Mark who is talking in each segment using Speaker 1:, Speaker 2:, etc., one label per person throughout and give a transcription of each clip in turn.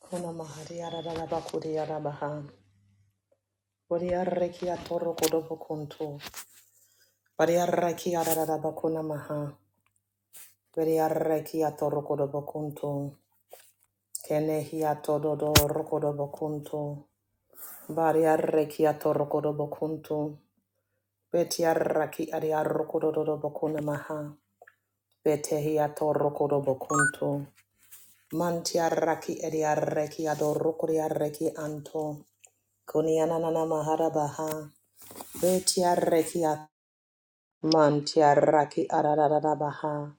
Speaker 1: Kona mahari arara bakuri arabaha. Bari arreki atoro kodobo kuntu. Bari arreki arara bakuna maha. Bari arreki atoro kodobo kuntu. Kenehi hi atodo do rokodobo kuntu. Bari arreki atoro kodobo kuntu. Beti arraki ari arrokododo bakuna maha. Bete hi atoro kodobo kuntu. Manti arraki ari arreki adoro kuri arreki anto. Kuni ananana mahara baha. Betiarrekia mantiarraki arararabaha.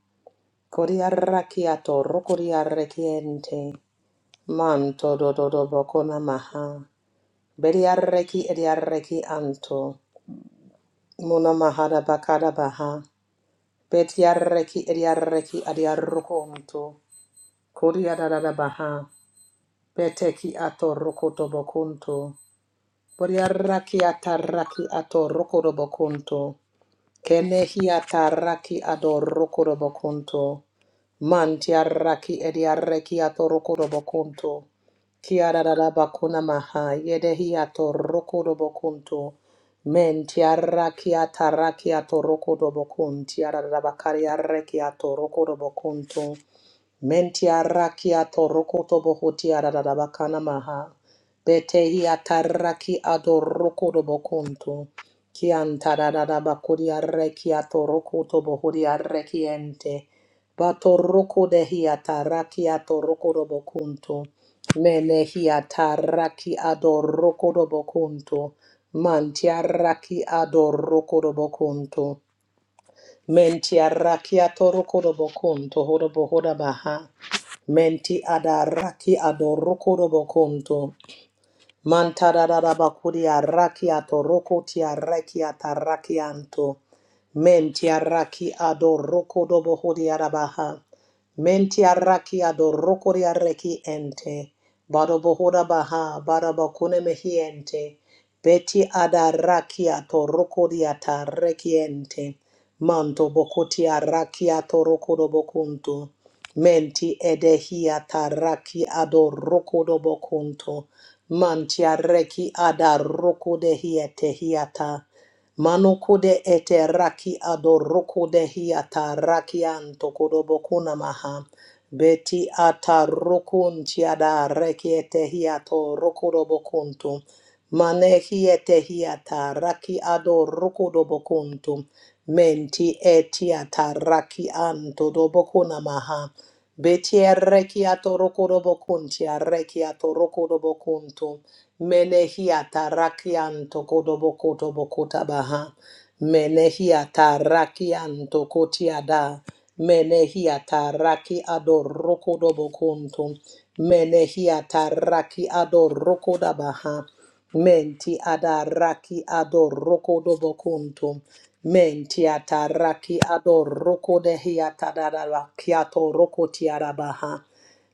Speaker 1: Koriarrakiato rokoriarrekiente. Manto dododobokona maha. Betiarreki ediarreki anto. Muna mahada bakada baha. Betiarreki ediarreki adiarrokonto. Koriararabaha. Beteki ato rokotobokonto. Boriarraki atarraki ato rokotobokonto. Kenehiata raki adorokorobokunto. Mantia raki ediareki atorokorobokunto. Kiararabakuna maha yedehiato rokorobokunto. Mentia raki ataraki atorokodobokunti. Ararabakari areki atorokorobokunto. Mentia rakia torokoto bohotia radadabakana maha. Betehia taraki adorokodo bokuntu. Kianta radadabakuria rekia torokoto bohoria rekiente. Batoroko dehia tarakia torokodo bokuntu. Menehia taraki adorokodo bokuntu. Mantia raki adorokodo bokuntu. Menti arrakia torokoro bokun tohoro bohora baha. Menti adaraki adorokoro bokunto. Mantararabakuria rakiato rokotia rakiata rakianto. Mentia raki ado rokodobohodia rabaha. Mentia raki ado rokoria reki ente. Badobohoda baha barabakune mehiente. Beti ada rakiato rokodiata rekiente. Manto bokotia rakiato rokodobokunto. Menti edehia taraki ado rokodobokunto. Mantiareki adaroko de hiete hiata. Manoko de ete raki adoroko de hiata rakianto kodobokuna maha. Beti atarokun tiada reki ete hiato rokodobokuntu. Mane hiete hiata raki adoroko dobokuntu. Menti etiata raki anto dobokuna maha. Beti arrekiato rokorobocunti arrekiato rokorobocunto menehiata rakianto kodobokoto bokota baha menehiata rakianto kotiada menehiata raki ado rokodobocunto menehiata raki ado rokodabaha menti ada raki ado rokodobocunto Mentiata raki ador roko de hiata daraba kiato roko tiarabaha.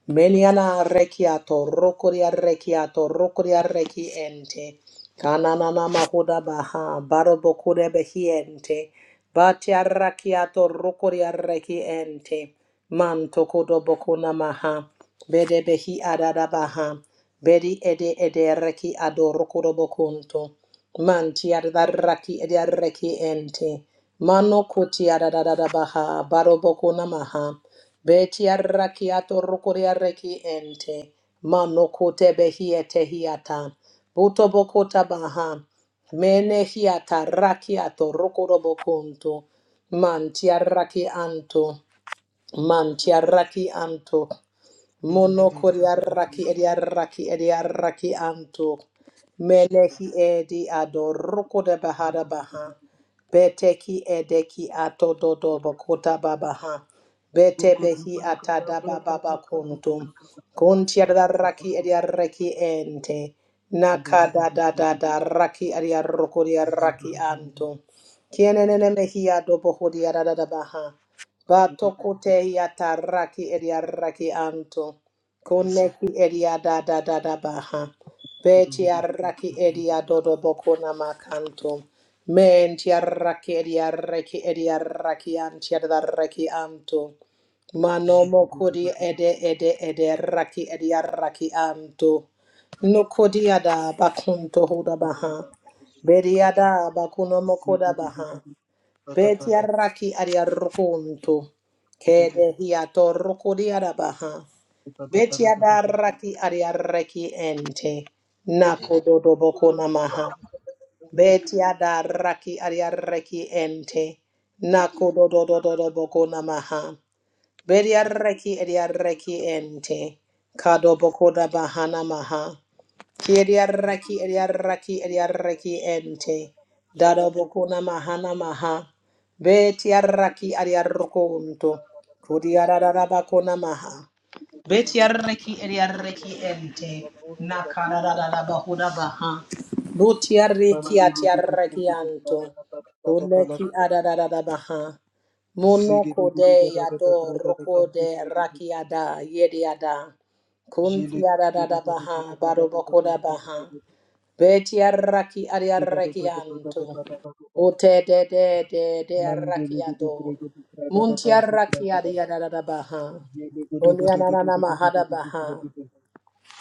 Speaker 1: Meliana rekiato roko dia rekiato roko dia reki ente. Kananana mahuda baha baroboko de behiente. Batia rakiato roko dia reki ente. Manto kodo boko namaha. Bede behi adada baha Bedi ede ede reki ador roko do bokunto. Man tiararaki ediareki ente. Mano kuti kutiararabaha baroboko namaha. Beti adaraki atorukuri atorukuriareki ente. Mano kutebehiete hiata. Butoboko tabaha. Mene hiata raki atorukurobokunto. Man tiaraki anto. Man tiaraki anto.
Speaker 2: Thank
Speaker 1: Mono koriaraki ediaraki ediaraki anto. Menehi edi adoroko de bahada baha. Beteki edeki ato dodo bokota babaha. Bete behi atada bababa kuntum. Kuntiaraki ediaraki ente. Nakada da da da raki ediaroko diaraki anto. Kienene mehia dobo hodiarada baha. Batokote yataraki ediaraki anto. Koneki ediada da da da da baha. Betiaraki ediadodo bokona makanto. Mentiaraki ediaraki ediaraki antiadaraki anto. Manomo kodi ede ede ede raki ediaraki anto. Nokodiada bakunto hoda baha. Bediada bakuno mokoda baha. Beti arraki aria rokonto. Kede hiato rokodi arabaha. Beti adarraki aria reki ente. Nako dodo boko namaha. Beti adarraki aria reki ente. Nako dodo dodo boko namaha. Beti arraki aria reki ente. Kado boko da bahana maha. Kiediaraki, Ediaraki, Ediaraki, Ente. Dado Bokuna Mahana Maha. Betiaraki, Adiarokunto. Kudiarabakuna Maha. Betiaraki, Ediaraki, Ente.
Speaker 2: you.
Speaker 1: Nakaradabahuda Baha. Butiariki,
Speaker 2: Mandele gidi
Speaker 1: Atiaraki,
Speaker 2: brigidi
Speaker 1: Anto.
Speaker 2: bragada
Speaker 1: Uneki, Adadabaha. Monoko de Yado, Roko de Rakiada, Yediada. Kuntiaradabaha, Barobokodabaha, Betiaraki Ariarakianto, Ote de de de de Arakiado, Muntiaraki Ariadabaha, Onyanana Mahadabaha,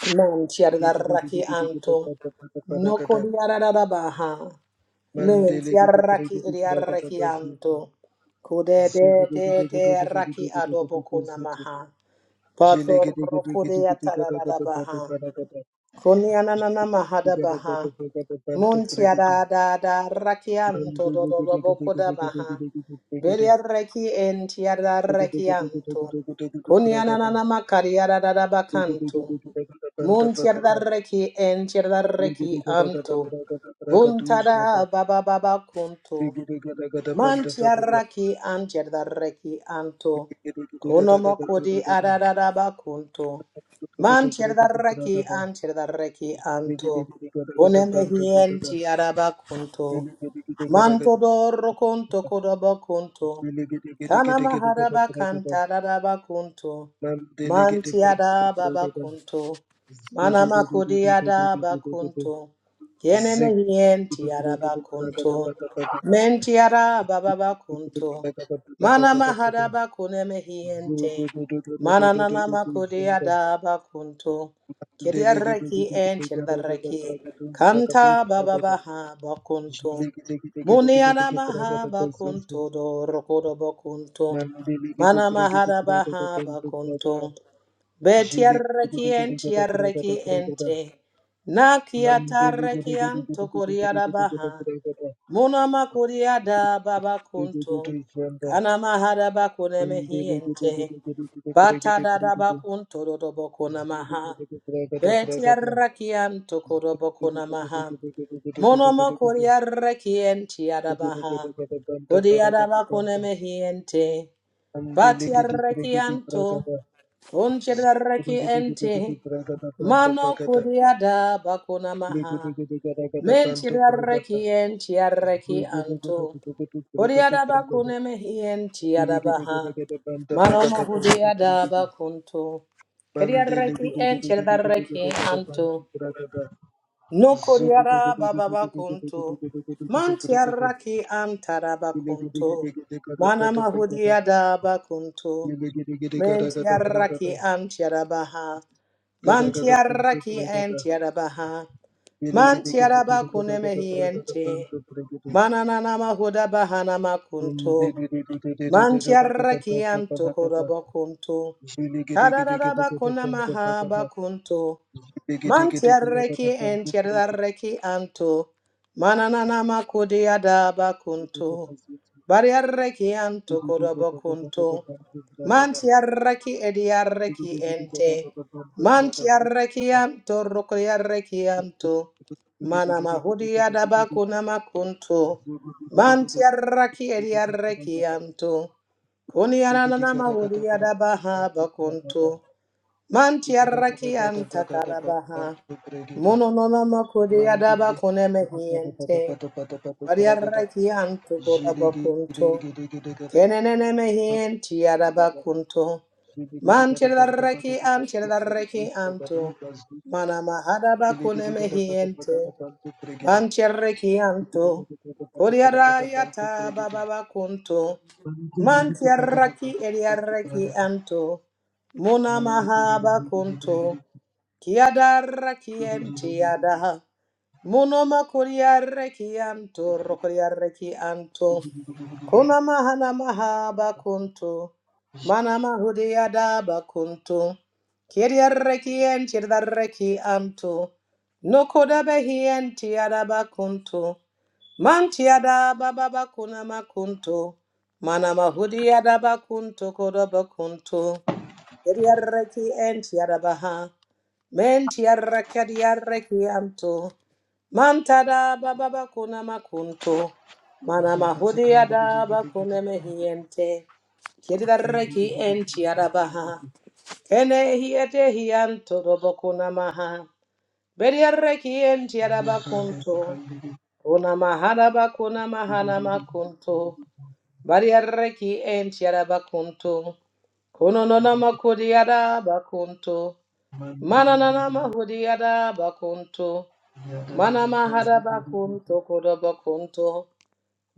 Speaker 1: Muntiaraki Anto, Nokodiaradabaha, Muntiaraki
Speaker 2: bazutu.
Speaker 1: Ariarakianto, Kude de
Speaker 2: Zigudu gudu
Speaker 1: de
Speaker 2: gudu gudu
Speaker 1: de Raki
Speaker 2: gudu gudu gudu gudu zutu.
Speaker 1: Adobokonamaha, Pator
Speaker 2: Thank
Speaker 1: Rokodea Tadadabaha. Kunyanana mahada baha. Muntiada da da rakianto do do do bokoda baha. Beria reki entiada rekianto. Kunyanana makariada da da bakanto. Muntiada reki entiada reki anto. Buntada baba baba kunto. Mantiaraki antiadareki anto. Konomokodi adadadaba kunto. Mantiadareki antiadareki anto. Konemehienti adaba kunto. Manto doro conto
Speaker 2: you.
Speaker 1: codaba
Speaker 2: Zig
Speaker 1: conto.
Speaker 2: Mandele
Speaker 1: Kana maharaba kanta dadaba conto. Mantiada baba conto. Mana makudiada bakunto. Kene mehienti araba conto. Mentiada baba bakunto. Mana maharaba kune mehiente. Mana nana makudiada bakunto. Kidia reki enti reki. Kanta baba baha bakunto. Muniana maha bakunto do rokodo bakunto. Mana mahara baha bakunto. Betiarreki entiarreki ente.
Speaker 2: Thank
Speaker 1: Nakiatarreki anto kuriada baha. Muna makuriada baba kunto.
Speaker 2: you.
Speaker 1: Kana mahara bakune mehi ente. Batada da bakunto do do bokuna maha. Betiarreki anto kuro bokuna maha. Monoma kuriarra kienti adabaha. Odi adaba kuneme hiente. Batiarra kianto. Unchidarra kiente. Mano kuriada bakunamaha. Menchidarra kienti arra kianto. Odi adaba kuneme hienti
Speaker 2: Zulu
Speaker 1: adabaha. Mano mahudi adaba kunto. Kiriarra kienti adarra kianto. No koriara bababa kunto. Mantiaraki antaraba kunto. Mana mahudiada bakunto. Mentiaraki antiarabaha. Mantiaraki antiarabaha. Mantiaraba kunemehi ente. Mananana mahuda bahana makunto. Mantiaraki antokoraba kunto. Kadadadaba kunamaha bakunto. Man tiarreki en tiarreki anto. Mananana makudia adaba kunto.
Speaker 2: Mandili
Speaker 1: Bariarreki anto kodobo kunto. Man tiarreki ediarreki ente. Man tiarreki anto rokriarreki anto. Mana mahudi adaba kunama kunto. Man tiarreki ediarreki anto. kuni Kunianana mahudi adaba haba kunto. Mantiaraki antakarabaha. Mononona makudi adaba kuneme hiente. Bariaraki antukuraba
Speaker 2: Jiligi
Speaker 1: kunto. Kenenene mehienti adaba kunto.
Speaker 2: Mandiri,
Speaker 1: Mantiaraki antiaraki anto. Manama hadaba kuneme hiente. Mantiaraki anto. Kuriarayata bababa kunto. Mantiaraki eliaraki anto. Muna mahaba kunto. Kiadara kienti ada. Munoma kuriare kianto, rokuriare kianto. Kuna mahana mahaba kunto. Mana mahudi adaba kunto. Kiriare kienti dare kianto. Nokoda behienti adaba kunto. Manti adaba baba kuna makunto. Mana mahudi adaba kunto kodoba kunto. Kiriare enti adabaha. Mentiarra chiariarre chianto. Mantada bababa kuna makunto. Mana mahudia da bakune mehiente. Chiariarre chi entiarabaha. Kene hiete hianto dobo kuna maha. Beriarre chi entiarabakunto. Una mahana bakuna mahana makunto. Bariarre chi entiarabakunto. Kono nona makudiada bakunto. Mananana mahudiada bakunto.
Speaker 2: yeah, da da
Speaker 1: Mana
Speaker 2: da, cause
Speaker 1: mahada bakunto koda bakunto.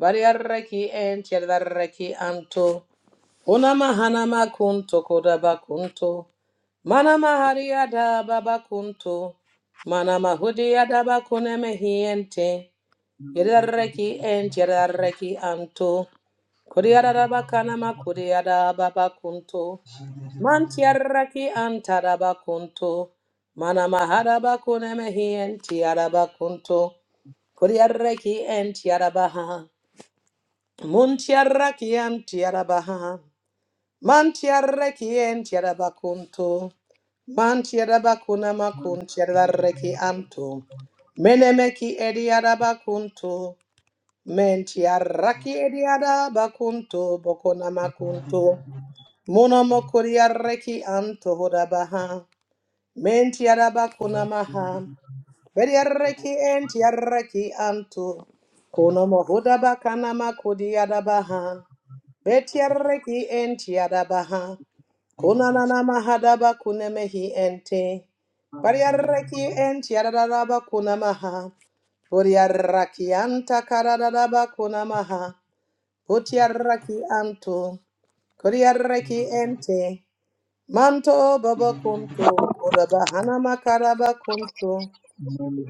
Speaker 1: Variarreki and chedarreki anto. Una mahana makunto koda bakunto. Mana mahariada babakunto. Mana mahudiada bakune mehiente. Yedarreki and chedarreki anto.
Speaker 2: Ziggy
Speaker 1: Kuriada bakana makuriada babakunto. Mantiaraki antarabakunto. Mana maharabakune mehien tiarabakunto. Kuriaraki entiarabaha. Muntiaraki antiarabaha. Mantiaraki entiarabakunto. Mantiarabakuna makuntiaraki anto. Menemeki ediarabakunto. Mentiaraki ediarabakunto. Bokona makunto. Monomokuriaraki anto horabaha. Menti araba kuna maha. Beri arreki enti arreki anto. Kuno mohuda bakana makudi araba ha. Beti arreki enti araba ha. Kuna nana mahada bakune mehi ente. Bari arreki enti araba kuna maha. Bori arraki anta karada bakuna maha. Buti arraki anto, Kuri arreki ente. Manto baba kunto, oda bahana makara ba kunto,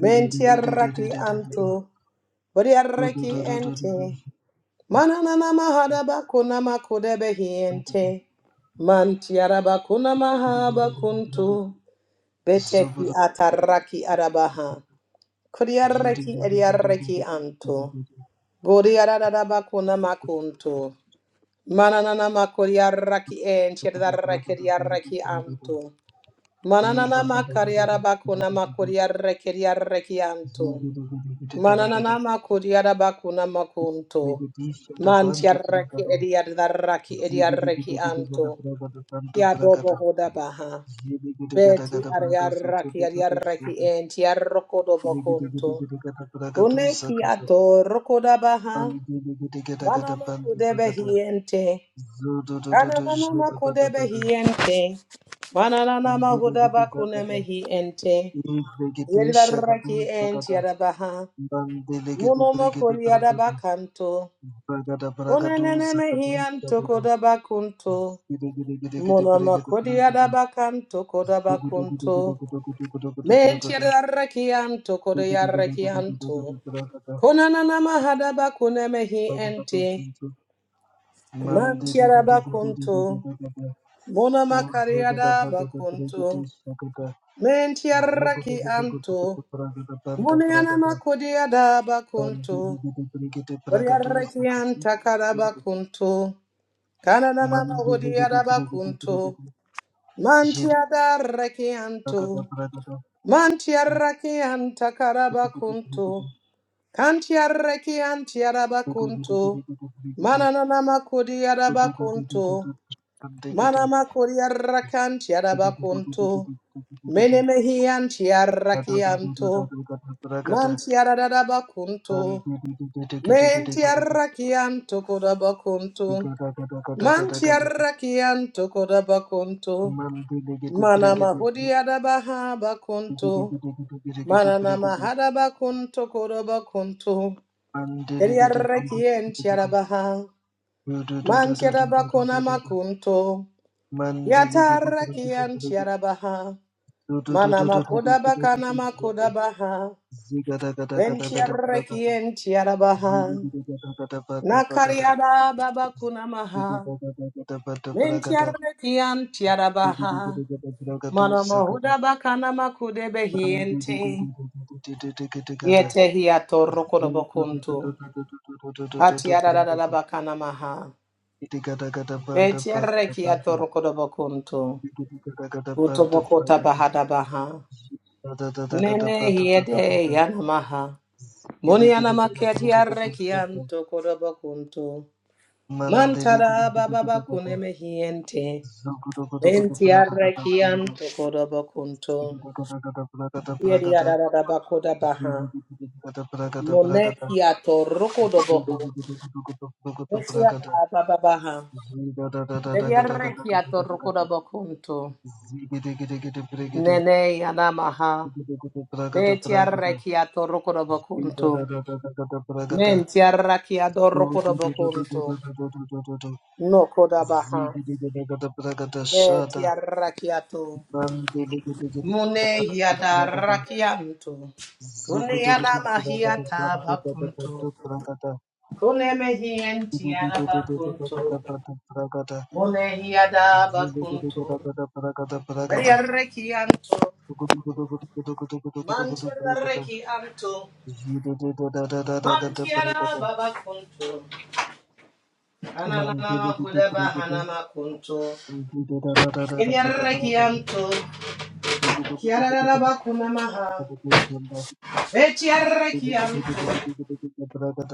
Speaker 1: mentiaraki anto, bodiaraki ente, mananana mahada bakuna makude behiente, mantiara bakuna maha bakunto, beteki ataraki arabaha, kodiaraki ediaraki anto, bodiarada bakuna makunto, mananana makodiaraki ente, ediaraki anto, Mananana makariara bakuna makuriare kiriare rekianto. Mananana makuriara bakuna makunto. Mantiaraki ediadaraki ediareki rekianto. Kiadobo hoda baha. Beti ariaraki adiareki entiarrokodo
Speaker 2: Mande
Speaker 1: bakunto. Une kiato rokoda baha. Banama kudebe hiente. Ananana makudebe hiente. Mananana mahuda bakune mehi ente. Yedaraki ent yadabaha. Munomo kodiadabakanto. Onenenemehianto kodabakunto. Munomo kodiadabakanto kodabakunto. Ment yadarakianto kodayarakianto. Konanamahadabakunemehi ente. Mantiarabakunto.
Speaker 2: Zagada,
Speaker 1: Munamakariadabakunto. Mentiaraki anto. Munianama kodiadabakunto. Horiarakian takarabakunto. Kananana horiarabakunto. Mantiadarakianto. Mantiarakian takarabakunto. Kantiarakian tiarabakunto. Mananana makodiarabakunto. Manamakodiarakan tiarabakunto. Menemehian tiarakianto. Mantiarabakunto. Mentiarakianto kodabakunto. Mantiarrakianto
Speaker 2: Mandelegede
Speaker 1: mana manama
Speaker 2: bregede
Speaker 1: hodiadabaha bakonto,
Speaker 2: digidegede digidegede
Speaker 1: mananama
Speaker 2: bregede
Speaker 1: hadabakonto kodabakonto,
Speaker 2: mandelegede bregede
Speaker 1: keriarrakiantiarabaha,
Speaker 2: do do do do do do do do
Speaker 1: mantiarabakona
Speaker 2: do do
Speaker 1: makunto,
Speaker 2: mandelegede bregede bregede
Speaker 1: yatarrakiantiarabaha,
Speaker 2: do do do do
Speaker 1: manama
Speaker 2: do do do do do
Speaker 1: kodabakana
Speaker 2: do zobo
Speaker 1: makodabaha,
Speaker 2: zigada gada gada gada bragada
Speaker 1: ventiarrakiantiarabaha,
Speaker 2: zilegede gada gada baga bagada
Speaker 1: nakariada babakunamaha,
Speaker 2: zide gada gada bada bragada
Speaker 1: mentiarrakiantiarabaha,
Speaker 2: zigede gada bragado
Speaker 1: Mana
Speaker 2: zagada
Speaker 1: mahuda bakana makude behiente.
Speaker 2: mandedededededededegede gada
Speaker 1: Yete hi atorro
Speaker 2: zo do do do do
Speaker 1: kodobokuntu.
Speaker 2: do do do do do do do do
Speaker 1: Atiarara
Speaker 2: bragada
Speaker 1: bakana maha.
Speaker 2: Iti gada gada banda
Speaker 1: Betiarre
Speaker 2: bagada
Speaker 1: ki
Speaker 2: banda.
Speaker 1: atorro kodobokuntu.
Speaker 2: Iti gada gada banda
Speaker 1: Utobokota
Speaker 2: bagada.
Speaker 1: bahada baha.
Speaker 2: Gada gada gada
Speaker 1: Nene
Speaker 2: banda gada
Speaker 1: hiede
Speaker 2: banda.
Speaker 1: yanamaha. Muni
Speaker 2: Gidi gidi gada
Speaker 1: yanamakia
Speaker 2: gada gada
Speaker 1: tiarre ki
Speaker 2: banda.
Speaker 1: anto kodobokuntu.
Speaker 2: Mandele gidi
Speaker 1: Mantara
Speaker 2: gidi
Speaker 1: baba
Speaker 2: gidi gada.
Speaker 1: bakune mehiente.
Speaker 2: Zogu dogu dogu dogu bragada
Speaker 1: Bentiarre ki
Speaker 2: basunda.
Speaker 1: anto
Speaker 2: iti
Speaker 1: kodobokuntu.
Speaker 2: gada gada gada bragada
Speaker 1: Yeri
Speaker 2: bragada.
Speaker 1: arara bakoda
Speaker 2: Zigu
Speaker 1: baha.
Speaker 2: gidi gidi gada bragada bragada.
Speaker 1: Monekia toroko
Speaker 2: Zogu
Speaker 1: doboho.
Speaker 2: dogu dogu dogu dogu dogu dogu
Speaker 1: Betia
Speaker 2: bragada.
Speaker 1: da bababaha.
Speaker 2: Ziga da da da da
Speaker 1: Betia
Speaker 2: gada gada
Speaker 1: rekia
Speaker 2: gada gada
Speaker 1: toroko
Speaker 2: gada.
Speaker 1: dobokunto.
Speaker 2: Zigidi gidi gidi brigidi.
Speaker 1: Nene yanamaha.
Speaker 2: Gidi gidi bragada
Speaker 1: Betia
Speaker 2: bragada.
Speaker 1: rekia toroko dobokunto.
Speaker 2: Zugu
Speaker 1: Mentia rakia doroko dobokunto. Noko dabaha. Betia rakiato. Mune yada rakianto. Kune yanamahia tabakunto. Kune mehientia bakunto. Monehiada bakunto. Reki anto. Mantiada reki anto. Mantiada babakunto. Ananana
Speaker 2: Mandele gidi
Speaker 1: mahuda
Speaker 2: pregede
Speaker 1: bahana kunto,
Speaker 2: Zugu
Speaker 1: Reki anto. Kiara bakuna maha. Betiara reki anto.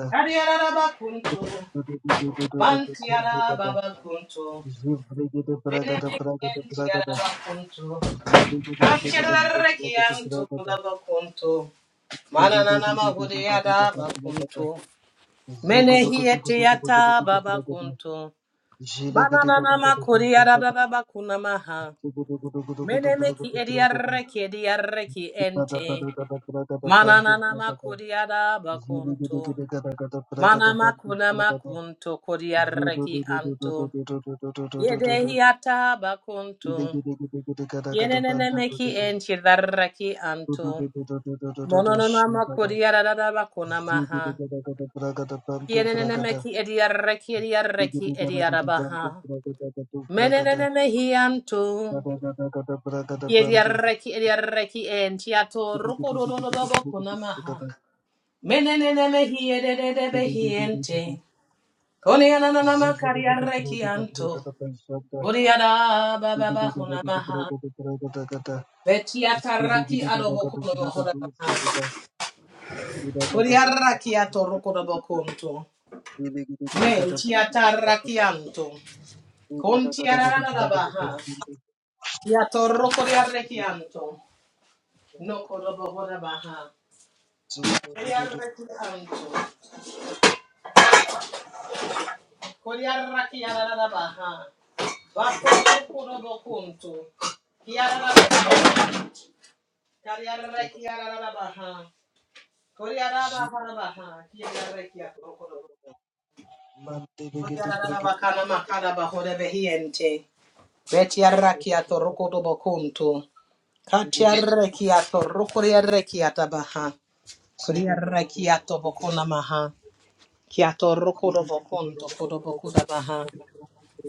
Speaker 1: Adiara bakunto. Mantiada babakunto. Benedict and Tiara bakunto. Antiada reki anto. Babakunto. Mananana mahudeyada bakuntu. Mene hiete yata baba kuntu. Mananana makuriyada dada bakuna maha. Mene meki ediyareki ediyareki ente. Mananana makuriyada
Speaker 2: Zugu
Speaker 1: bakuntu. Mana makuna makuntu kuriyareki anto. Yede hiata bakuntu. Yenene meki enti dareki antu. Mononona makuriyada dada bakuna maha. Kieneneneme ki ediarreki ediarreki ediarabaha. Meneneneme hianto. Kiediarreki ediarreki entiato rukododododobo kunamaha. Meneneneme hiedededebe hiente. Koniananama kariarreki anto. Uriada bababa hunamaha.
Speaker 2: Zoom,
Speaker 1: Betiatarraki adobo kunomahodabaha. Uriarraki ato rukodobo kunto. Mentiatarraki anto. Contiaradabaha. Ya torro kori arrekianto. No korobo hora baha. Kori arrekianto. Kori arrakiara baha. Bako korobo kunto. Kiara baha. Kari arrekiara baha. Kori araba hora baha. Kiara arrekia torro korobo. Kori araba kana makara bahore behiente. Beti arrakia torro korobo kunto. Kati arrekia torro kori arrekia tabaha. Kori arrekia tobokona maha. Kia Kiato rokodobo konto kodobo kudabaha.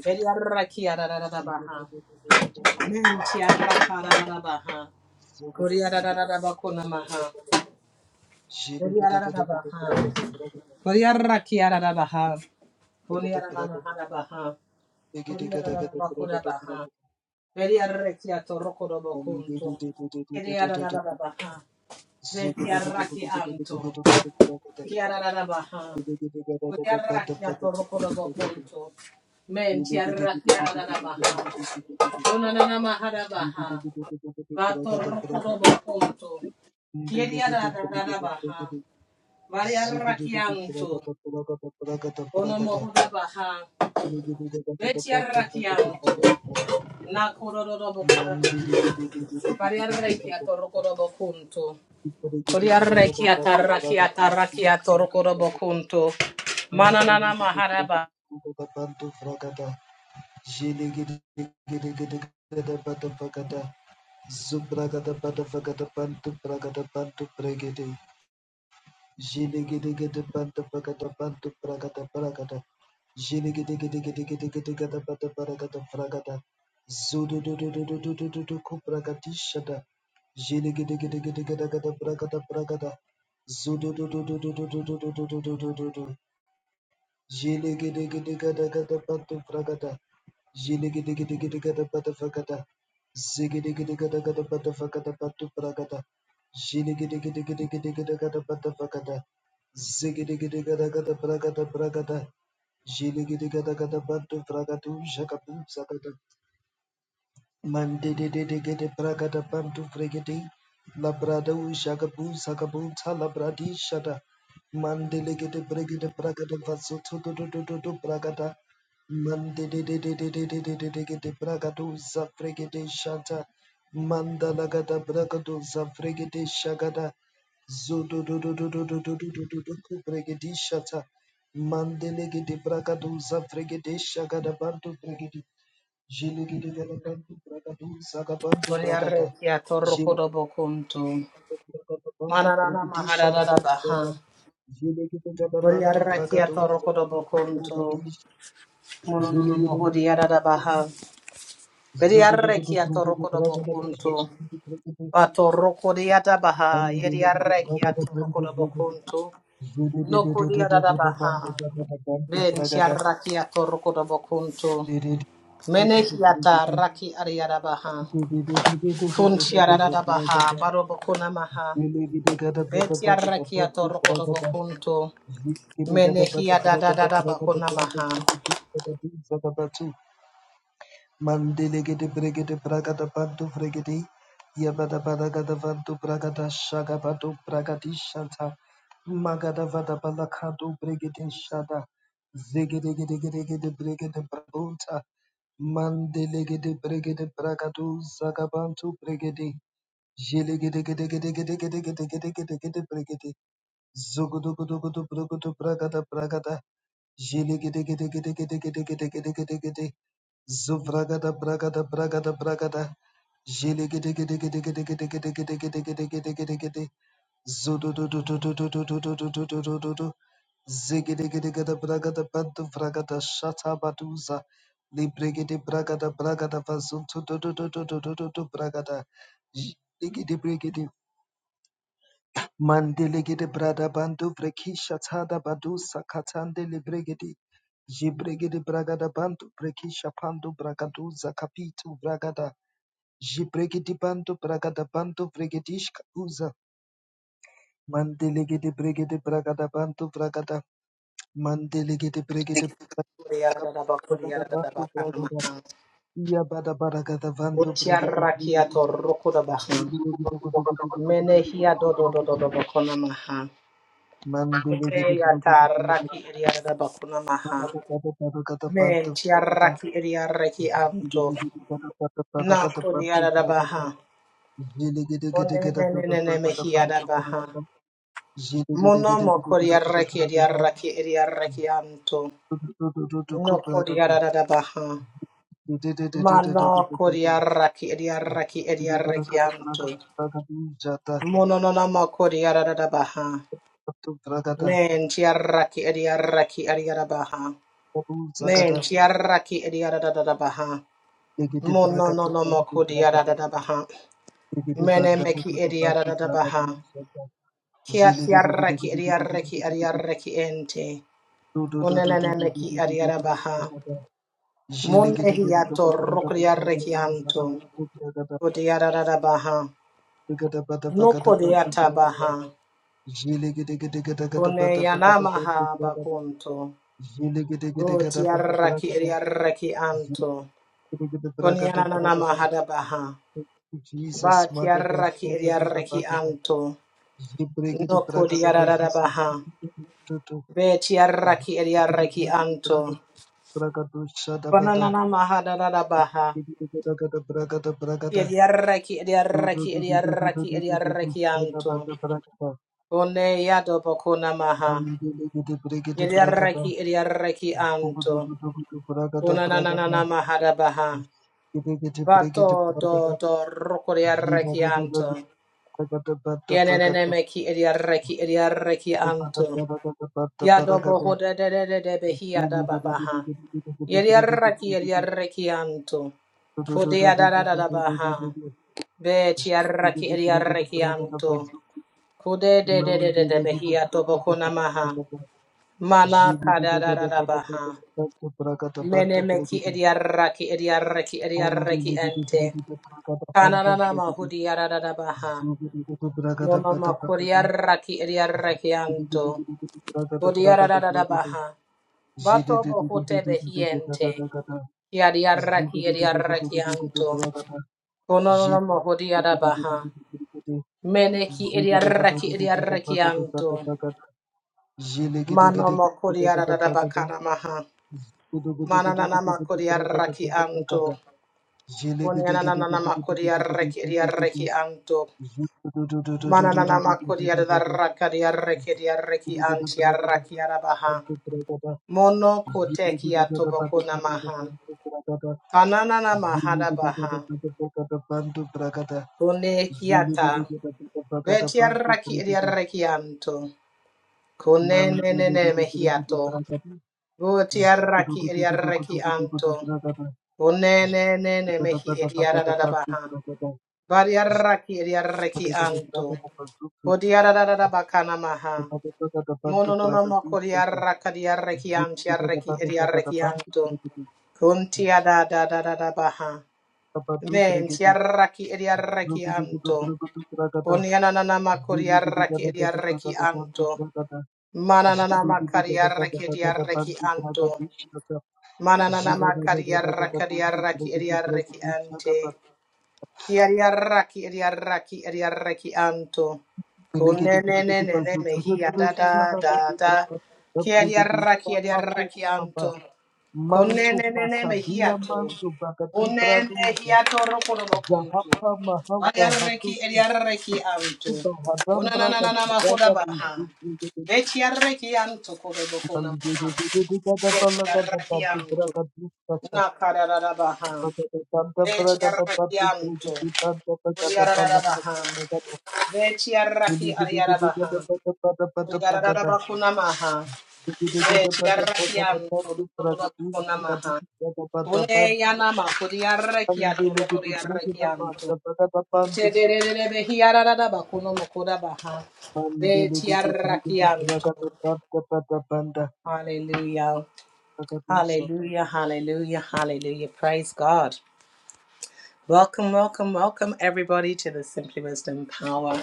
Speaker 1: Vediarra
Speaker 2: Ziggy
Speaker 1: kiadadadabaha. Mentiarra kadadadabaha. Kuriadadadabakunamaha. Kuriadadabaha. Kuriarra kiadadabaha. Kuriadadadabaha. Kuriadadabakudabaha. Vediarra kiato rokodobo konto. Kia da da da da baha. Veria raki anto. kia Kiadadadabaha. Vediarra kianto. baha. Yarrakia torokorobokonto. Men tiarrakia da baha. Unanana mahara baha. Vatorokorobokonto. Kieria da da da baha.
Speaker 2: Zubragada
Speaker 1: Variarrakianto. Onomohuda baha. Vetiarrakianto. Nakororobokora. Variarrakia torokorobokonto. Koriarrakia tarrakia tarrakia torokorobokonto. Mananana mahara baha.
Speaker 2: bada vagada bantu bragada bantu bregede Zudu Jigidigidigidigadagadabadufragada. Jigidigidigidigidigadagadabadufragada. Zigidigidigidigidigadabadufragadabadufragada. Jigidigidigidigidigidigadabadufragada. Zigidigidigidigadabadabragadabragada. Jigidigidigidigadabadufragadushagadusagada. Mandedegede bragada bantu fregede labrada u shagabu sagabu talabradi shada mandelegede bregede bragada vaso todo do do do do bragada mandedegede bragado zafregede shanta mandalagada bragado zafregede shagada zodo do do do do do do do do do do do bregede shata mandelegede bragado zafregede shagada bantu fregede Jelegelebantu bragadu zagabantu bragada.
Speaker 1: Koriarrakia torokorobokonto.
Speaker 2: Jelegelebantu
Speaker 1: Manana
Speaker 2: brigadisha
Speaker 1: maharara
Speaker 2: dabu zaga.
Speaker 1: baha.
Speaker 2: Jelegelebantu
Speaker 1: Buriara
Speaker 2: bragadu
Speaker 1: kiato rokodo
Speaker 2: zagabantu
Speaker 1: bokunto.
Speaker 2: bragadish.
Speaker 1: Monono mohodiara
Speaker 2: Jelegelebantu
Speaker 1: baha. Buriara
Speaker 2: zugudugudu
Speaker 1: kiato
Speaker 2: bragadu
Speaker 1: rokodo
Speaker 2: bragadabish.
Speaker 1: bokunto. Bato rokodiata baha.
Speaker 2: Andelegede
Speaker 1: Yediara kiato
Speaker 2: bragadabantu
Speaker 1: rokodo
Speaker 2: bragadu.
Speaker 1: bokunto. No
Speaker 2: Jelegelebantu
Speaker 1: kodiara baha.
Speaker 2: bragadabantu
Speaker 1: Ben
Speaker 2: bragada.
Speaker 1: chiara kiato rokodo bokunto.
Speaker 2: Dedede-
Speaker 1: Mene kiata raki ariara baha.
Speaker 2: Thank
Speaker 1: Kun chiara baha.
Speaker 2: you.
Speaker 1: Baro maha.
Speaker 2: Mandele
Speaker 1: Betiara kiato rokodo bokunto. Menehia da da da da bakuna maha.
Speaker 2: gede bregede bragadu zagabantu bregede Zhigidi brigidi Mandelegede brada bandu brekisha tada badu sakatande lebregedi jibregede bragada bandu brekisha pandu bragadu zakapitu bragada jibregedi bandu bragada bandu bregedishka uza mandelegede bregede bragada bandu bragada mandelegede bregede
Speaker 1: Kuria
Speaker 2: braga-
Speaker 1: da da bakuria
Speaker 2: bragada
Speaker 1: da da
Speaker 2: bandu
Speaker 1: bakana
Speaker 2: bragada
Speaker 1: maha.
Speaker 2: iya bada bragada bandu bregedi
Speaker 1: Utiara kia
Speaker 2: bregedi
Speaker 1: roku da baha.
Speaker 2: jibregede bragada bandu
Speaker 1: Menehia do do do do
Speaker 2: bregedi
Speaker 1: do bakuna maha.
Speaker 2: Mandelegede
Speaker 1: Ute ya
Speaker 2: bregede bragada
Speaker 1: taraki iria da bakuna
Speaker 2: Jili
Speaker 1: maha. Men tiara ki iria reki amto. Na kuria da da baha. One ne ne mehia da baha. Mono mo kuria reki iria reki iria reki amto. No kuria da da baha. Mano kodiaraki ediaraki ediaraki anto. Mono no namo kodiarada baha. Men tiaraki ediaraki ediarada baha. Men tiaraki ediarada baha. Mono no namo kodiarada baha. Mene meki ediarada baha. Kia tiaraki ediaraki ediaraki ente.
Speaker 2: Jesus,
Speaker 1: Onenene meki ediarada baha. Mone hiato rokodiaraki anto. Kodiarada baha. Nokodiata baha. Kone yanamaha bakunto. Roti arraki eri anto. Kone yananamaha da baha. Bati
Speaker 2: Magada,
Speaker 1: arraki
Speaker 2: Shada,
Speaker 1: eri
Speaker 2: Buddha,
Speaker 1: arraki
Speaker 2: Bagada,
Speaker 1: anto.
Speaker 2: Jibregede,
Speaker 1: Nokodi
Speaker 2: Bragada,
Speaker 1: arada
Speaker 2: Bazuki,
Speaker 1: baha.
Speaker 2: Tutu,
Speaker 1: Beti arraki eri arraki anto.
Speaker 2: Bragado, Shada, Bada,
Speaker 1: Konananamaha da da da
Speaker 2: Brigada,
Speaker 1: baha. Eri arraki eri arraki eri arraki eri arraki anto. Kone yado bakuna maha. Eri arraki eri arraki anto. Unananana maharabaha. Vato do do roko diarreki anto. Yeneneneme ki ediarreki ediarreki anto. Yadobo hode de de de de behia da babaha. Yediarreki ediarreki Kudia da da da da baha. Be tiarreki Kude
Speaker 2: Ziggy
Speaker 1: de de de de de behia toboko namaha. Mana kada da da da baha. Menemeki ediarreki ediarreki ediarreki ente. Kananana mahudi yarada baha. Monoma kuriaraki eriarakianto. Kuriarada baha. Bato bohote behiente. Yadiaraki eriarakianto. Kononona mahudi yada baha. Meneki eriaraki eriarakianto. Manoma kuriarada bakana maha.
Speaker 2: Gudu gudu gudu
Speaker 1: Mananana
Speaker 2: gudu gudu gra gada
Speaker 1: makuriaraki
Speaker 2: gada gada gada.
Speaker 1: anto.
Speaker 2: Jele gede gede
Speaker 1: Kunyananana
Speaker 2: gede gede gede gede
Speaker 1: makuriaraki
Speaker 2: gede gede.
Speaker 1: eriarakianto.
Speaker 2: Zu du du du du du du du
Speaker 1: Mananana
Speaker 2: du du du du
Speaker 1: makodiara
Speaker 2: du du.
Speaker 1: rakadia rekedia reki
Speaker 2: Gudu gudu gra
Speaker 1: antia
Speaker 2: gada
Speaker 1: rakiara baha.
Speaker 2: santu gra gada.
Speaker 1: Mono
Speaker 2: Jele gede gada
Speaker 1: kotekia
Speaker 2: gada
Speaker 1: toboko
Speaker 2: gada
Speaker 1: namaha.
Speaker 2: santu gra gada.
Speaker 1: Ananana
Speaker 2: Jele
Speaker 1: mahada
Speaker 2: gede gada
Speaker 1: baha.
Speaker 2: gada gada santu gra gada.
Speaker 1: Kone
Speaker 2: Jele gede
Speaker 1: kiata.
Speaker 2: gada gada gada
Speaker 1: Betia
Speaker 2: santu gra
Speaker 1: raki edia
Speaker 2: gada.
Speaker 1: rekianto.
Speaker 2: Man,
Speaker 1: Kone
Speaker 2: jele
Speaker 1: nenene
Speaker 2: gede gede gede gra
Speaker 1: mehiato.
Speaker 2: gada.
Speaker 1: Votia
Speaker 2: Gudu
Speaker 1: raki
Speaker 2: gudu
Speaker 1: edia
Speaker 2: gudu gudu gudu gudu
Speaker 1: rekianto.
Speaker 2: gra gada.
Speaker 1: Kone
Speaker 2: Zile
Speaker 1: nenene mehi edia rada baha. Varia raki edia rekianto. Kodia rada bakana maha. Mono no no mo kori arraka di arreki anti arreki edi arreki anto. Kunti ada da da da da baha. Men ti arraki edi arreki anto. Oni ananana ma kori arraki edi arreki anto. Mananana ma kari arreki edi arreki anto. Mananana ma kari arraka di arreki edi arreki ante. Ki ariaraki ariaraki ariaraki anto. Kone ne ne ne ne ne hi ya da da da da. Ki ariaraki ariaraki anto. Kone
Speaker 2: Mantu
Speaker 1: ne ne ne me hi
Speaker 2: pakavila
Speaker 1: ato.
Speaker 2: mantu
Speaker 1: One ne hi
Speaker 2: pakatipraduza
Speaker 1: ato roko roko kunto.
Speaker 2: jahapa mahavra
Speaker 1: Ariaraki
Speaker 2: hatuti
Speaker 1: ariaraki anto.
Speaker 2: uba
Speaker 1: Kona na
Speaker 2: hadambra
Speaker 1: na na na mahoda
Speaker 2: katubraga
Speaker 1: baha.
Speaker 2: tuzikigede
Speaker 1: Vechi araki anto kore boko na maha.
Speaker 2: mandidididididada
Speaker 1: Vechi
Speaker 2: balagada
Speaker 1: araki anto.
Speaker 2: patubraga tuskacha
Speaker 1: Na kararara baha.
Speaker 2: pakatapanda
Speaker 1: Vechi
Speaker 2: bragada
Speaker 1: araki anto.
Speaker 2: patubrigidi panda pagada balakata
Speaker 1: Yararabaha.
Speaker 2: bragada
Speaker 1: Vetiaraki Ariarabaha.
Speaker 2: dididididigada patapada patapagada
Speaker 1: Yararabakunamaha.
Speaker 2: dididigada patapagada
Speaker 1: Vetiarakianto
Speaker 2: pantu bragaduz
Speaker 1: Dododokunamaha.
Speaker 2: pagaduz gada
Speaker 1: Une
Speaker 2: patapan
Speaker 1: Yanama Kuriarakiato
Speaker 2: Mandele gede brigida
Speaker 1: Kuriarakianto.
Speaker 2: panda pagada
Speaker 1: Vetiararabakunomokodabaha.
Speaker 2: Hallelujah.
Speaker 1: Vetiarakianto. Hallelujah. Hallelujah. Hallelujah. Hallelujah. Praise God. Welcome, welcome, welcome, everybody, to the Simply Wisdom Power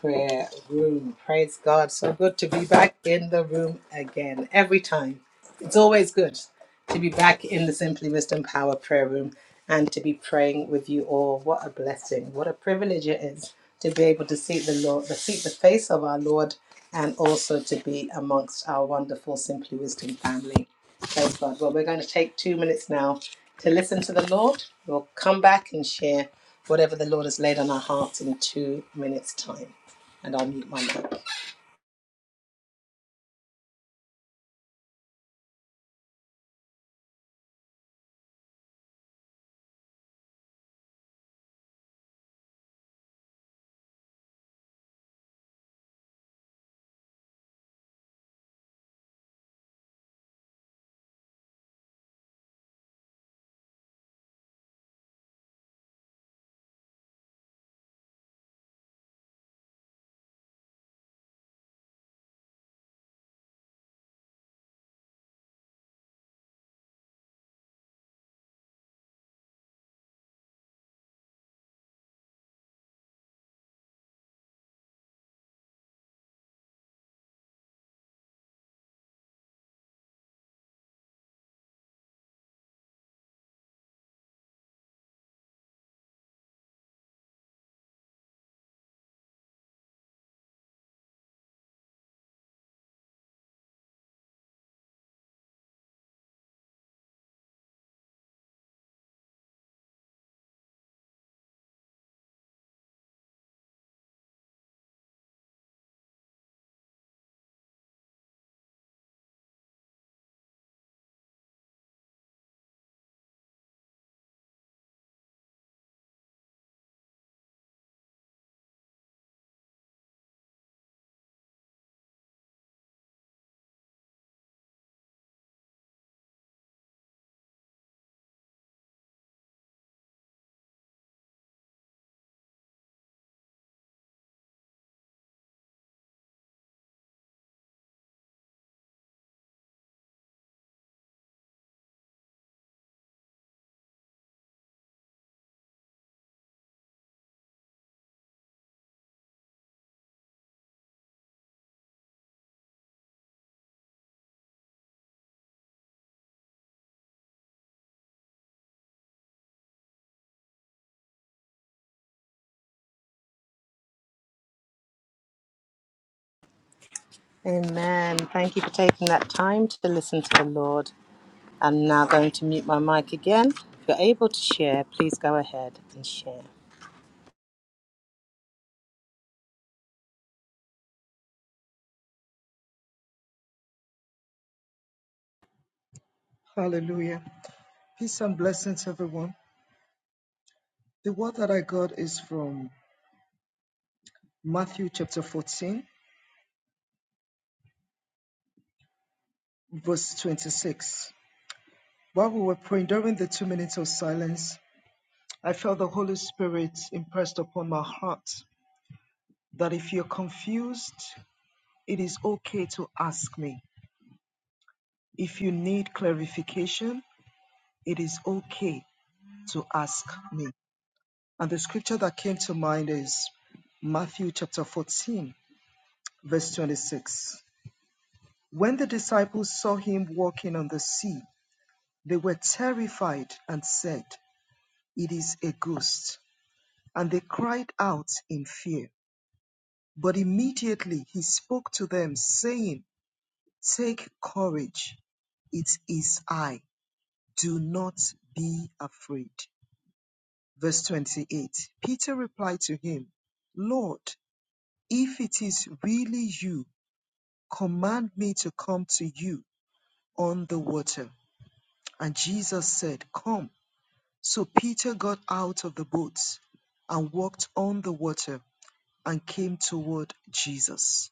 Speaker 1: Prayer Room. Praise God. So good to be back in the room again. Every time. It's always good to be back in the Simply Wisdom Power Prayer Room and to be praying with you all. What a blessing. What a privilege it is to be able to seek the Lord, to seek the face of our Lord, and also to be amongst our wonderful Simply Wisdom family. Praise God. Well, we're going to take two minutes now to listen to the Lord. We'll come back and share whatever the Lord has laid on our hearts in two minutes' time. And I'll mute my mic. Amen. Thank you for taking that time to listen to the Lord. I'm now going to mute my mic again. If you're able to share, please go ahead and share.
Speaker 2: Peace and blessings, everyone. The word that I got is from Matthew chapter 14, verse 26. While we were praying during the two minutes of silence, I felt the Holy Spirit impressed upon my heart that if you're confused, it is okay to ask me. If you need clarification, it is okay to ask me. And the scripture that came to mind is Matthew chapter 14, verse 26. When the disciples saw him walking on the sea, they were terrified and said, It is a ghost. And they cried out in fear. But immediately he spoke to them, saying, Take courage, it is I. Do not be afraid. Verse 28 Peter replied to him, Lord, if it is really you, Command me to come to you on the water. And Jesus said, Come. So Peter got out of the boat and walked on the water and came toward Jesus.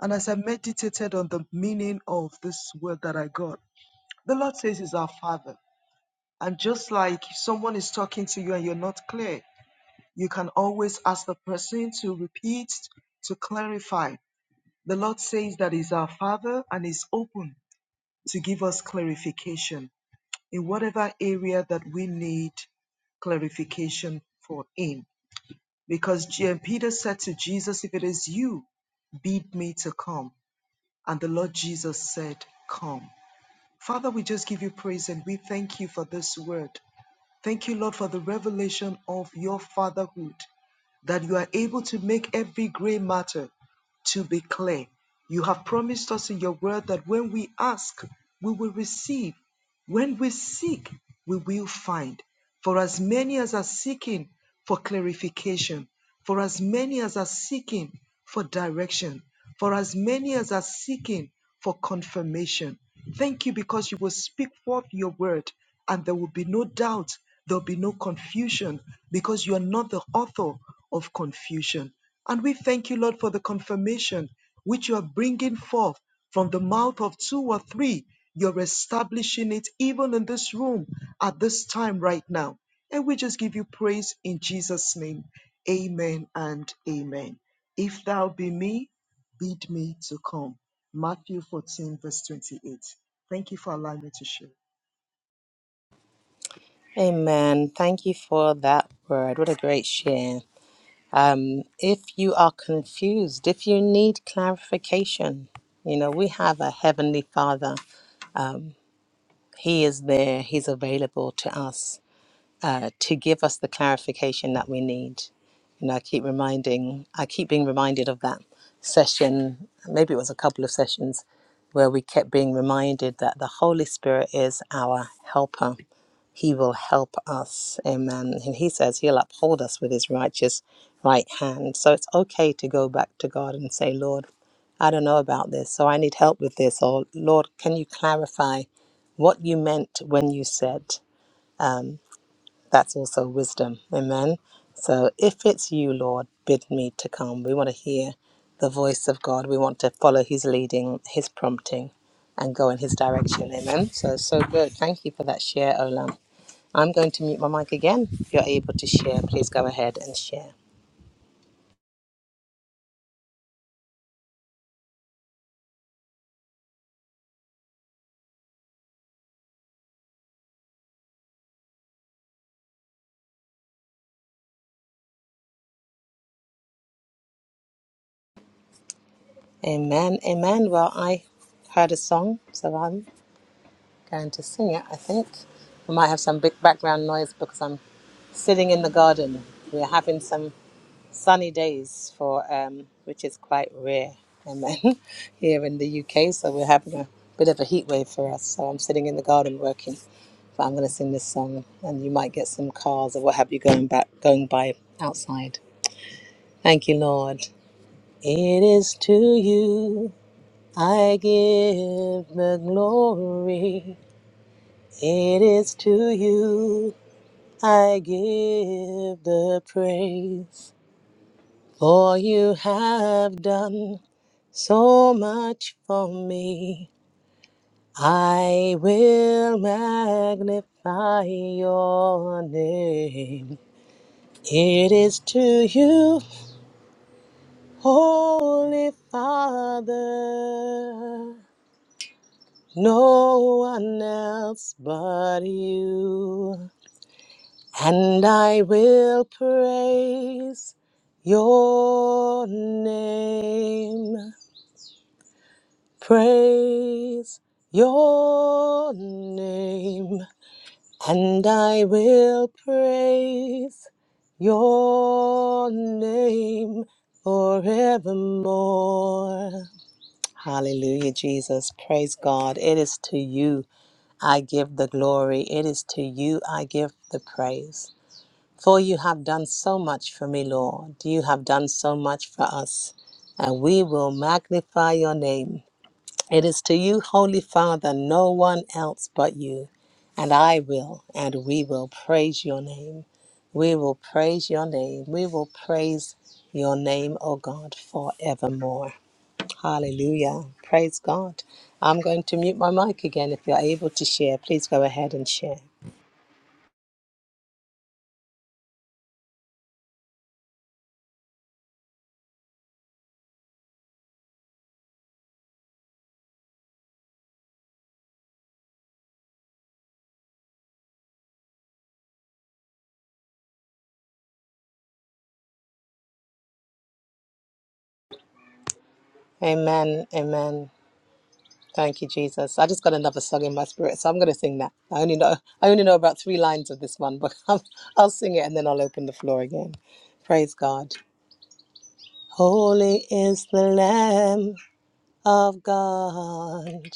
Speaker 2: And as I meditated on the meaning of this word that I got, the Lord says He's our Father. And just like if someone is talking to you and you're not clear, you can always ask the person to repeat to Kai. The Lord says that He's our Father and is open to give clarification. in whatever area that we need clarification for in because JMU bid me to come and the Lord Jesus said come. Father, we just give you praise and we thank you for this word. Thank you, Lord, for the revelation of your fatherhood. that you are able to make every gray matter to be clear. You have promised us in your word that when we ask, we will receive. When we seek, we will find. For as many as are seeking for clarification, for as many as are seeking for direction, for as many as are seeking for confirmation. Thank you because you will speak forth your word and there will be no doubt, there will be no confusion because you are not the author of confusion. And we thank you, Lord, for the confirmation which you are bringing forth from the mouth of two or three. You're establishing it even in this room at this time right now. And we just give you praise in Jesus' name. Amen and amen. If thou be me, bid me to come. Matthew 14, verse 28. Thank you for allowing me to share.
Speaker 1: Amen. Thank you for that word. What a great share. Um, if you are confused, if you need clarification, you know, we have a Heavenly Father Um, he is there, He's available to us uh, to give us the clarification that we need. You know, I keep reminding, I keep being reminded of that session, maybe it was a couple of sessions, where we kept being reminded that the Holy Spirit is our helper he will help us. Amen. And he says he'll uphold us with his righteous right hand. So it's okay to go back to God and say, Lord, I don't know about this, so I need help with this. Or, Lord, can you clarify what you meant when you said? Um, that's also wisdom. Amen. So if it's you, Lord, bid me to come. We want to hear the voice of God. We want to follow his leading, his prompting, and go in his direction. Amen. So, so good. Thank you for that share, Olam. I'm going to mute my mic again. If you're able to share, please go ahead and share. Amen. Amen. Well, I heard a song, so I'm going to sing it, I think. we might have some big background noise because I'm sitting in the garden. We're having some sunny days for um, which is quite rare. Amen. Here in the UK, so we're having a bit of a heat wave for us. So I'm sitting in the garden working. But I'm going to sing this song, and you might get some cars or what have you going back going by outside. Thank you, Lord. It is to you I give the glory. It is to you I give the praise. For you have done so much for me. I will magnify your name. It is to you, Holy Father. no one else but you. And I will praise your name, praise your name, and I will praise your name forevermore. Hallelujah, Jesus. Praise God. It is to you. I give the glory. It is to you I give the praise. For you have done so much for me, Lord. You have done so much for us. And we will magnify your name. It is to you, Holy Father, no one else but you. And I will, and we will praise your name. We will praise your name. We will praise your name, O God, forevermore. Hallelujah. Praise God. I'm going to mute my mic again. If you're able to share, please go ahead and share. Amen. Amen. Thank you, Jesus. I just got another song in my spirit, so I'm going to sing that. I only know I only know about three lines of this one, but I'll, I'll sing it and then I'll open the floor again. Praise God. Holy is the Lamb of God.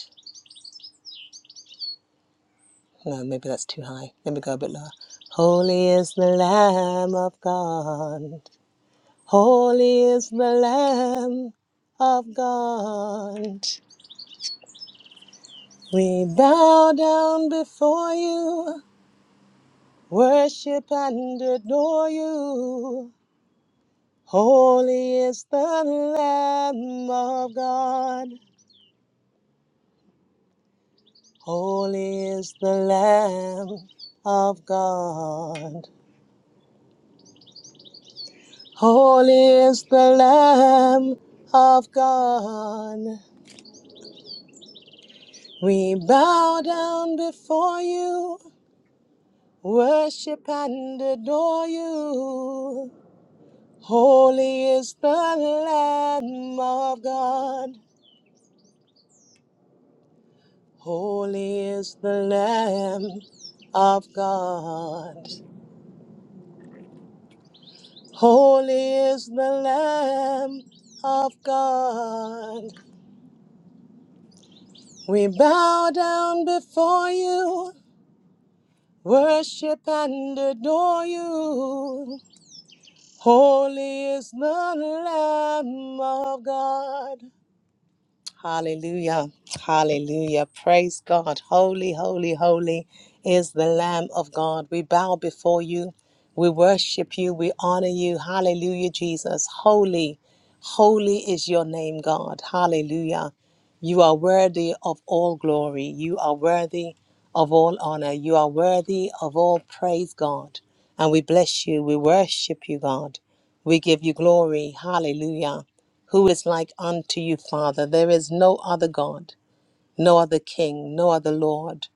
Speaker 1: No, maybe that's too high. Let me go a bit lower. Holy is the Lamb of God. Holy is the Lamb of God. We bow down before you, worship and adore you. Holy is the Lamb of God. Holy is the Lamb of God. Holy is the Lamb of God. We bow down before you Worship and adore you. Holy is the Lamb of God. Holy is the Lamb of God. Holy is the Lamb of God. We bow down before you. Worship and adore you. Holy is the Lamb of God. Hallelujah. Hallelujah. Praise God. Holy, holy, holy is the Lamb of God. We bow before you. We worship you. We honor you. Hallelujah, Jesus. Holy, holy is your name, God. Hallelujah. You are worthy of all glory. You are worthy of all honor. You are worthy of all praise, God. And we bless you. We worship you, God. We give you glory. Hallelujah. Who is like unto you, Father? There is no other God, no other King, no other Lord,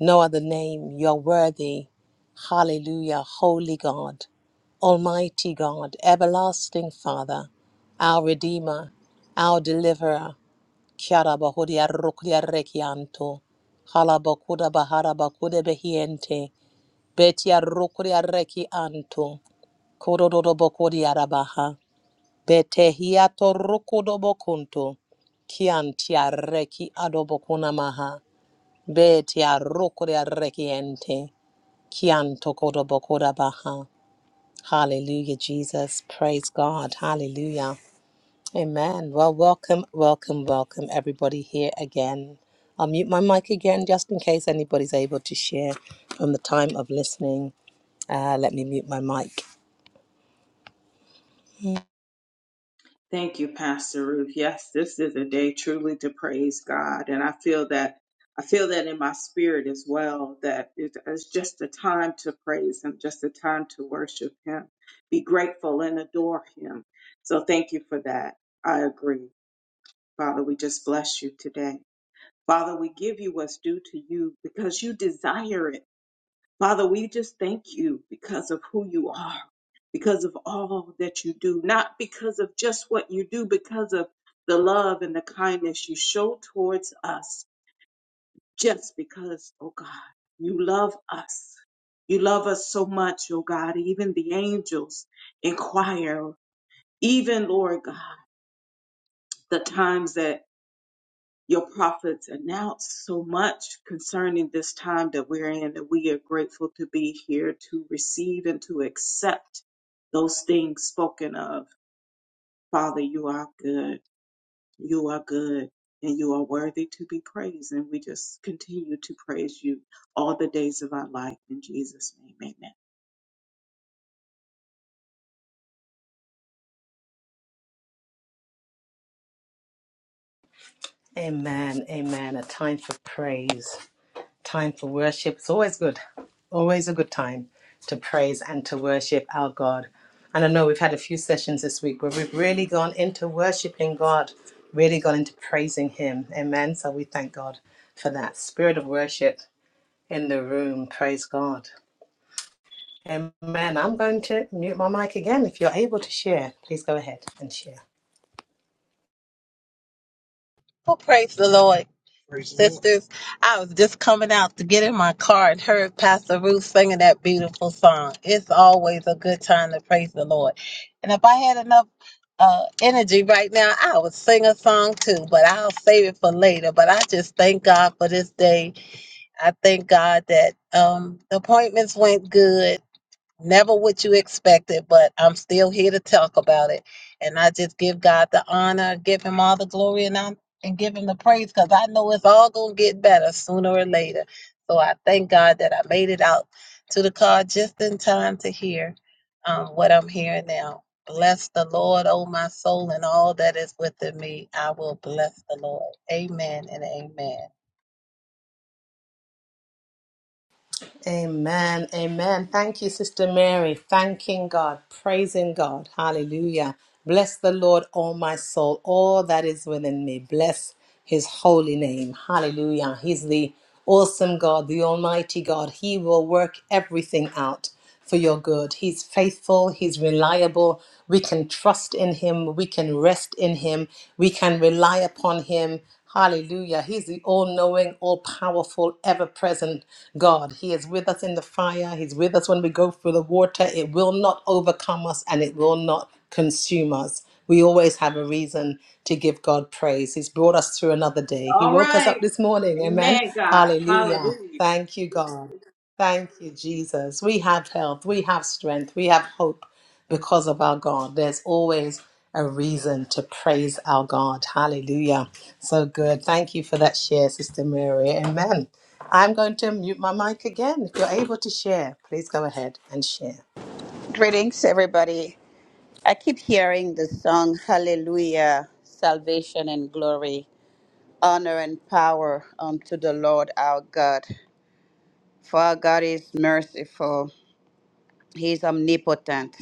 Speaker 1: no other name. You're worthy. Hallelujah. Holy God, Almighty God, Everlasting Father, our Redeemer, our Deliverer. Kiara bahudia rukudia rekianto. Hala bakuda bahara bakuda behiente. Betia rukudia reki anto. Kododo bakudia rabaha. Betehiato rokodobokunto. Kiantia reki adobokunamaha. Betia rokodia rekiente. Kianto kodobokoda baha. Hallelujah, Jesus. Praise God. Hallelujah. Amen. Well, welcome, welcome, welcome, everybody here again. I'll mute my mic again just in case anybody's able to share from the time of listening. Uh, let me mute my mic.
Speaker 3: Thank you, Pastor Ruth. Yes, this is a day truly to praise God, and I feel that I feel that in my spirit as well. That it- it's just a time to praise Him, just a time to worship Him, be grateful and adore Him. So thank you for that. I agree, Father. We just bless you today, Father. We give you what's due to you because you desire it, Father. We just thank you because of who you are because of all that you do, not because of just what you do, because of the love and the kindness you show towards us, just because, oh God, you love us. You love us so much, oh God, even the angels inquire, even, Lord God, the times that your prophets announce so much concerning this time that we're in, that we are grateful to be here to receive and to accept those things spoken of Father, you are good. You are good and you are worthy to be praised. And we just continue to praise you all the days of our life. In Jesus' name, amen.
Speaker 1: Amen. Amen. A time for praise. Time for worship. It's always good. Always a good time to praise and to worship our God. And I know we've had a few sessions this week where we've really gone into worshiping God, really gone into praising Him. Amen. So we thank God for that spirit of worship in the room. Praise God. Amen. I'm going to mute my mic again. If you're able to share, please go ahead and share.
Speaker 4: Oh, praise the Lord, Praise the Lord. sisters. I was just coming out to get in my car and heard Pastor Ruth singing that beautiful song. It's always a good time to praise the Lord. And if I had enough uh, energy right now, I would sing a song too, but I'll save it for later. But I just thank God for this day. I thank God that um, the appointments went good never what you expected, but I'm still here to talk about it. And I just give God the honor, give him all the glory, and I'm and give him the praise because I know it's all gonna get better sooner or later. So I thank God that I made it out to the car just in time to hear um, what I'm hearing now. Bless the Lord, oh my soul, and all that is within me. I will bless the Lord. Amen and amen.
Speaker 1: Amen. Amen. Thank you, Sister Mary. Thanking God, praising God. Hallelujah. Bless the Lord, all my soul, all that is within me. Bless his holy name. Hallelujah. He's the awesome God, the almighty God. He will work everything out for your good. He's faithful, He's reliable. We can trust in Him, we can rest in Him, we can rely upon Him. Hallelujah. He's the all knowing, all powerful, ever present God. He is with us in the fire. He's with us when we go through the water. It will not overcome us and it will not consume us. We always have a reason to give God praise. He's brought us through another day. He
Speaker 3: All
Speaker 1: woke us
Speaker 3: right.
Speaker 1: up this morning. Amen.
Speaker 3: Amen, God.
Speaker 1: Hallelujah.
Speaker 3: Hallelujah.
Speaker 1: Thank you, God. Thank you, Jesus. We have health, we have strength, we have hope because of our God. There's always a reason to praise our God. Hallelujah. So good. Thank you for that share, Sister Mary. Amen. I'm going to mute my mic again. If you're able to share, please go ahead and share.
Speaker 5: Greetings, everybody. I keep hearing the song Hallelujah, salvation and glory, honor and power unto the Lord our God. For our God is merciful, He is omnipotent.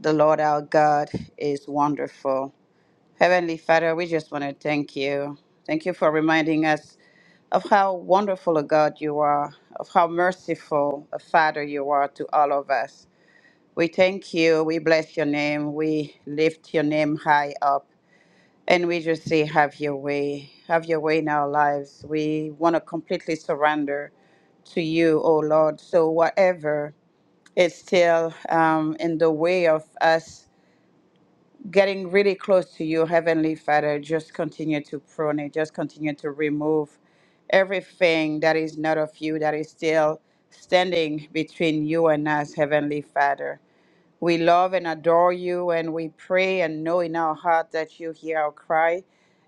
Speaker 5: The Lord our God is wonderful. Heavenly Father, we just want to thank you. Thank you for reminding us of how wonderful a God you are, of how merciful a Father you are to all of us. We thank you. We bless your name. We lift your name high up. And we just say, have your way. Have your way in our lives. We want to completely surrender to you, oh Lord. So, whatever is still um, in the way of us getting really close to you, Heavenly Father, just continue to prune it, just continue to remove everything that is not of you, that is still standing between you and us, Heavenly Father. We love and adore you, and we pray and know in our heart that you hear our cry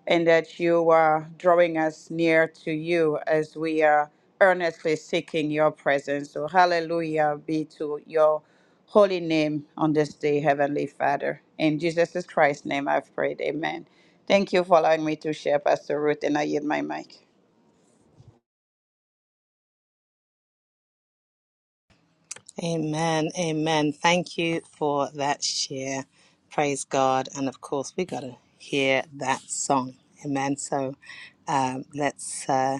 Speaker 5: and that you are drawing us near to you as we are earnestly seeking your presence. So, hallelujah be to your holy name on this day, Heavenly Father. In Jesus Christ's name, I've prayed. Amen. Thank you for allowing me to share, Pastor Ruth, and I yield my mic.
Speaker 1: Amen. Amen. Thank you for that share. Praise God. And of course, we got to hear that song. Amen. So um, let's. Uh,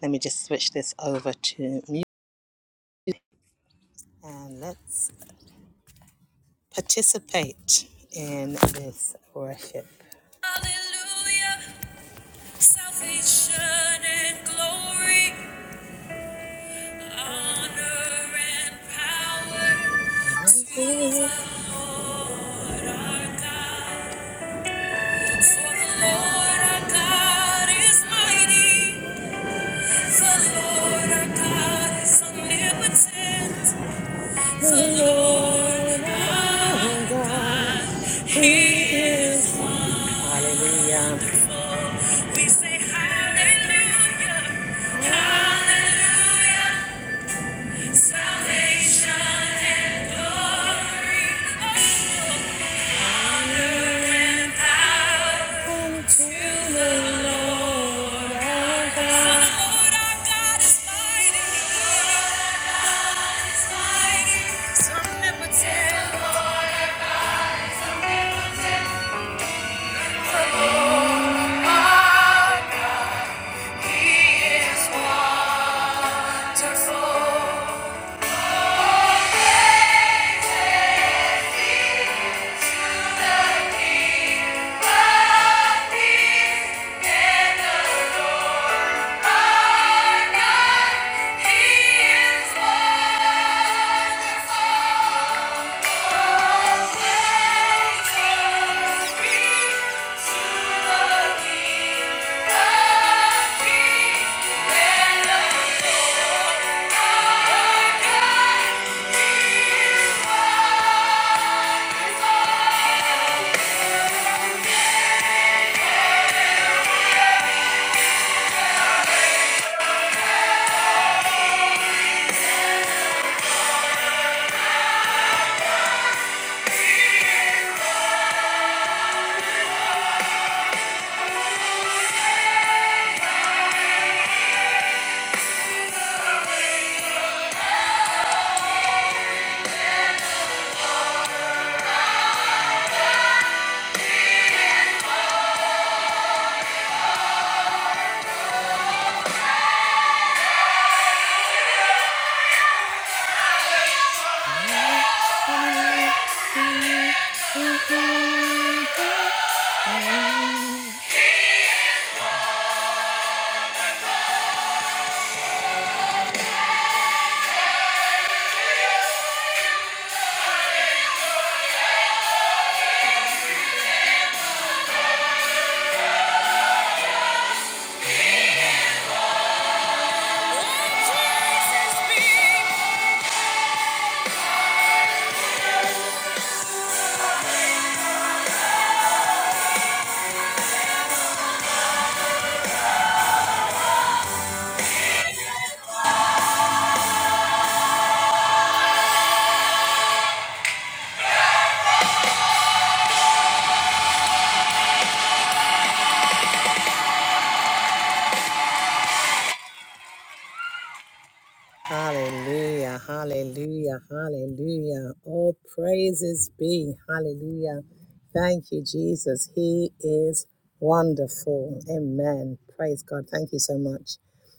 Speaker 1: Let me just switch this over to mute and let's participate in this worship. Hallelujah, salvation and glory, honor and power to the Lord our God. For the Lord our God is mighty, the Lord our God is omnipotent. the Lord our God. He is. Hallelujah. We say hallelujah. Hallelujah. Salvation and glory. Bow To the Lord our God. The Lord our God is mighty. He is mighty. Some never tell. The Lord our God is omnipotent. Yeah. Jesus be. Hallelujah, hallelujah, hallelujah. All praises be. Hallelujah. Thank you, Jesus. He is wonderful. Amen. Praise God. Thank you so much,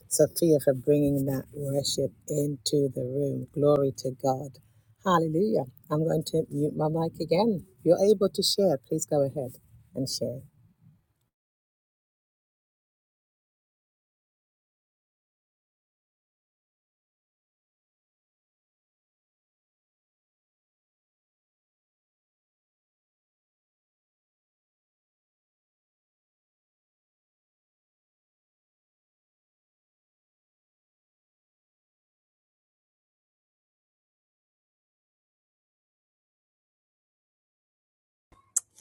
Speaker 1: Sophia, for bringing that worship into the room. Glory to God. Hallelujah. I'm going to mute my mic again. If you're able to share, please go ahead and share.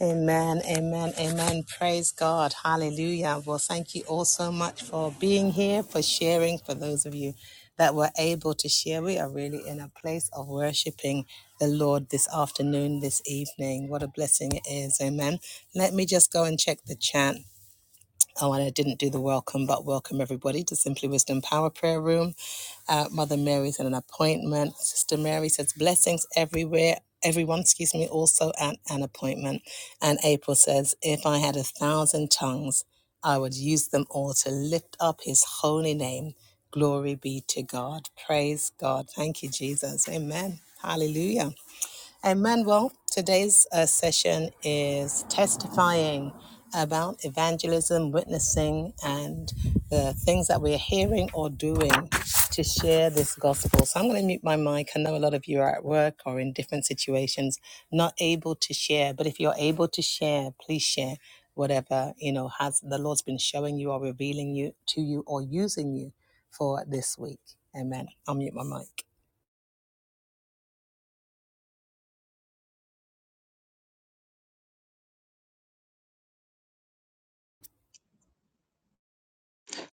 Speaker 1: Amen, amen, amen. Praise God. Hallelujah. Well, thank you all so much for being here, for sharing, for those of you that were able to share. We are really in a place of worshiping the Lord this afternoon, this evening. What a blessing it is. Amen. Let me just go and check the chat. Oh, and I didn't do the welcome, but welcome everybody to Simply Wisdom Power Prayer Room. Uh, Mother Mary's in an appointment. Sister Mary says blessings everywhere. Everyone, excuse me, also at an appointment. And April says, if I had a thousand tongues, I would use them all to lift up his holy name. Glory be to God. Praise God. Thank you, Jesus. Amen. Hallelujah. And Manuel, today's uh, session is testifying about evangelism, witnessing, and the things that we're hearing or doing to share this gospel. So I'm going to mute my mic. I know a lot of you are at work or in different situations, not able to share. But if you're able to share, please share whatever you know has the Lord's been showing you or revealing you to you or using you for this week. Amen. I'll mute my mic.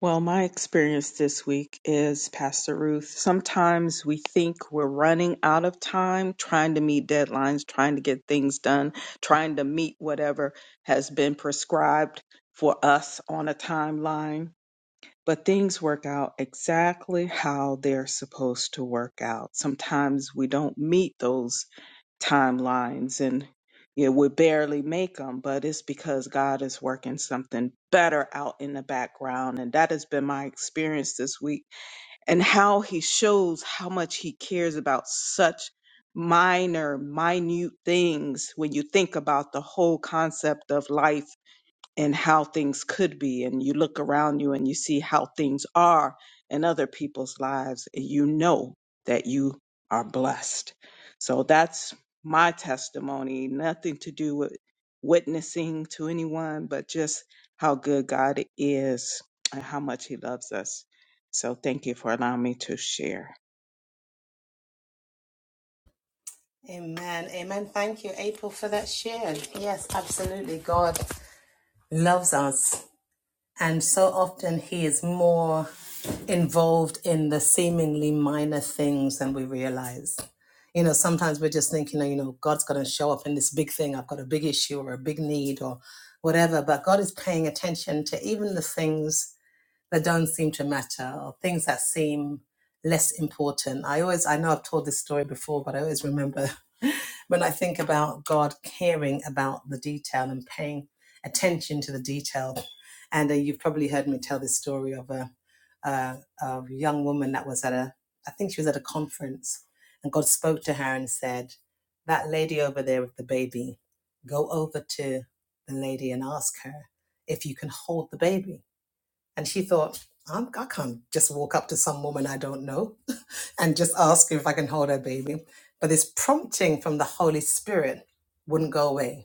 Speaker 3: Well, my experience this week is, Pastor Ruth, sometimes we think we're running out of time trying to meet deadlines, trying to get things done, trying to meet whatever has been prescribed for us on a timeline. but things work out exactly how they're supposed to work out. Sometimes we don't meet those timelines and you know, we barely make them, but it's because God is working something better out in the background. And that has been my experience this week and how he shows how much he cares about such minor, minute things when you think about the whole concept of life and how things could be and you look around you and you see how things are in other people's lives and you know that you are blessed so that's my testimony nothing to do with witnessing to anyone but just how good god is and how much he loves us so thank you for allowing me to share
Speaker 1: Amen. Amen. Thank you, April, for that share. Yes, absolutely. God loves us. And so often he is more involved in the seemingly minor things than we realize. You know, sometimes we're just thinking, you know, God's going to show up in this big thing. I've got a big issue or a big need or whatever. But God is paying attention to even the things that don't seem to matter or things that seem less important. I always, I know I've told this story before, but I always remember when I think about God caring about the detail and paying attention to the detail. And uh, you've probably heard me tell this story of a, a, a young woman that was at a, I think she was at a conference, and God spoke to her and said, That lady over there with the baby, go over to the lady and ask her if you can hold the baby and she thought, I'm, I can't just walk up to some woman I don't know and just ask her if I can hold her baby. But this prompting from the Holy Spirit wouldn't go away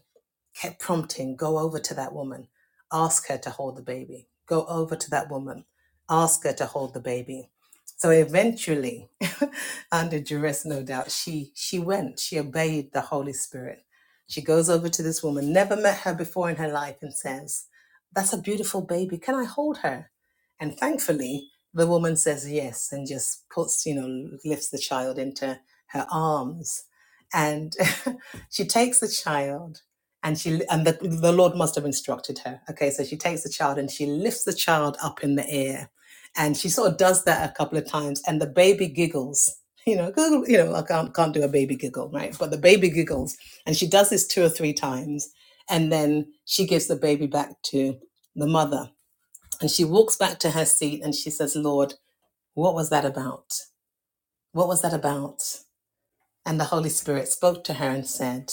Speaker 1: kept prompting, go over to that woman, ask her to hold the baby, go over to that woman, ask her to hold the baby. So eventually, under duress, no doubt, she she went, she obeyed the Holy Spirit. She goes over to this woman, never met her before in her life, and says, That's a beautiful baby. Can I hold her? And thankfully, the woman says yes and just puts, you know, lifts the child into her arms. And she takes the child and she and the, the lord must have instructed her okay so she takes the child and she lifts the child up in the air and she sort of does that a couple of times and the baby giggles you know giggle- you know i can't, can't do a baby giggle right but the baby giggles and she does this two or three times and then she gives the baby back to the mother and she walks back to her seat and she says lord what was that about what was that about and the Holy Spirit spoke to her and said,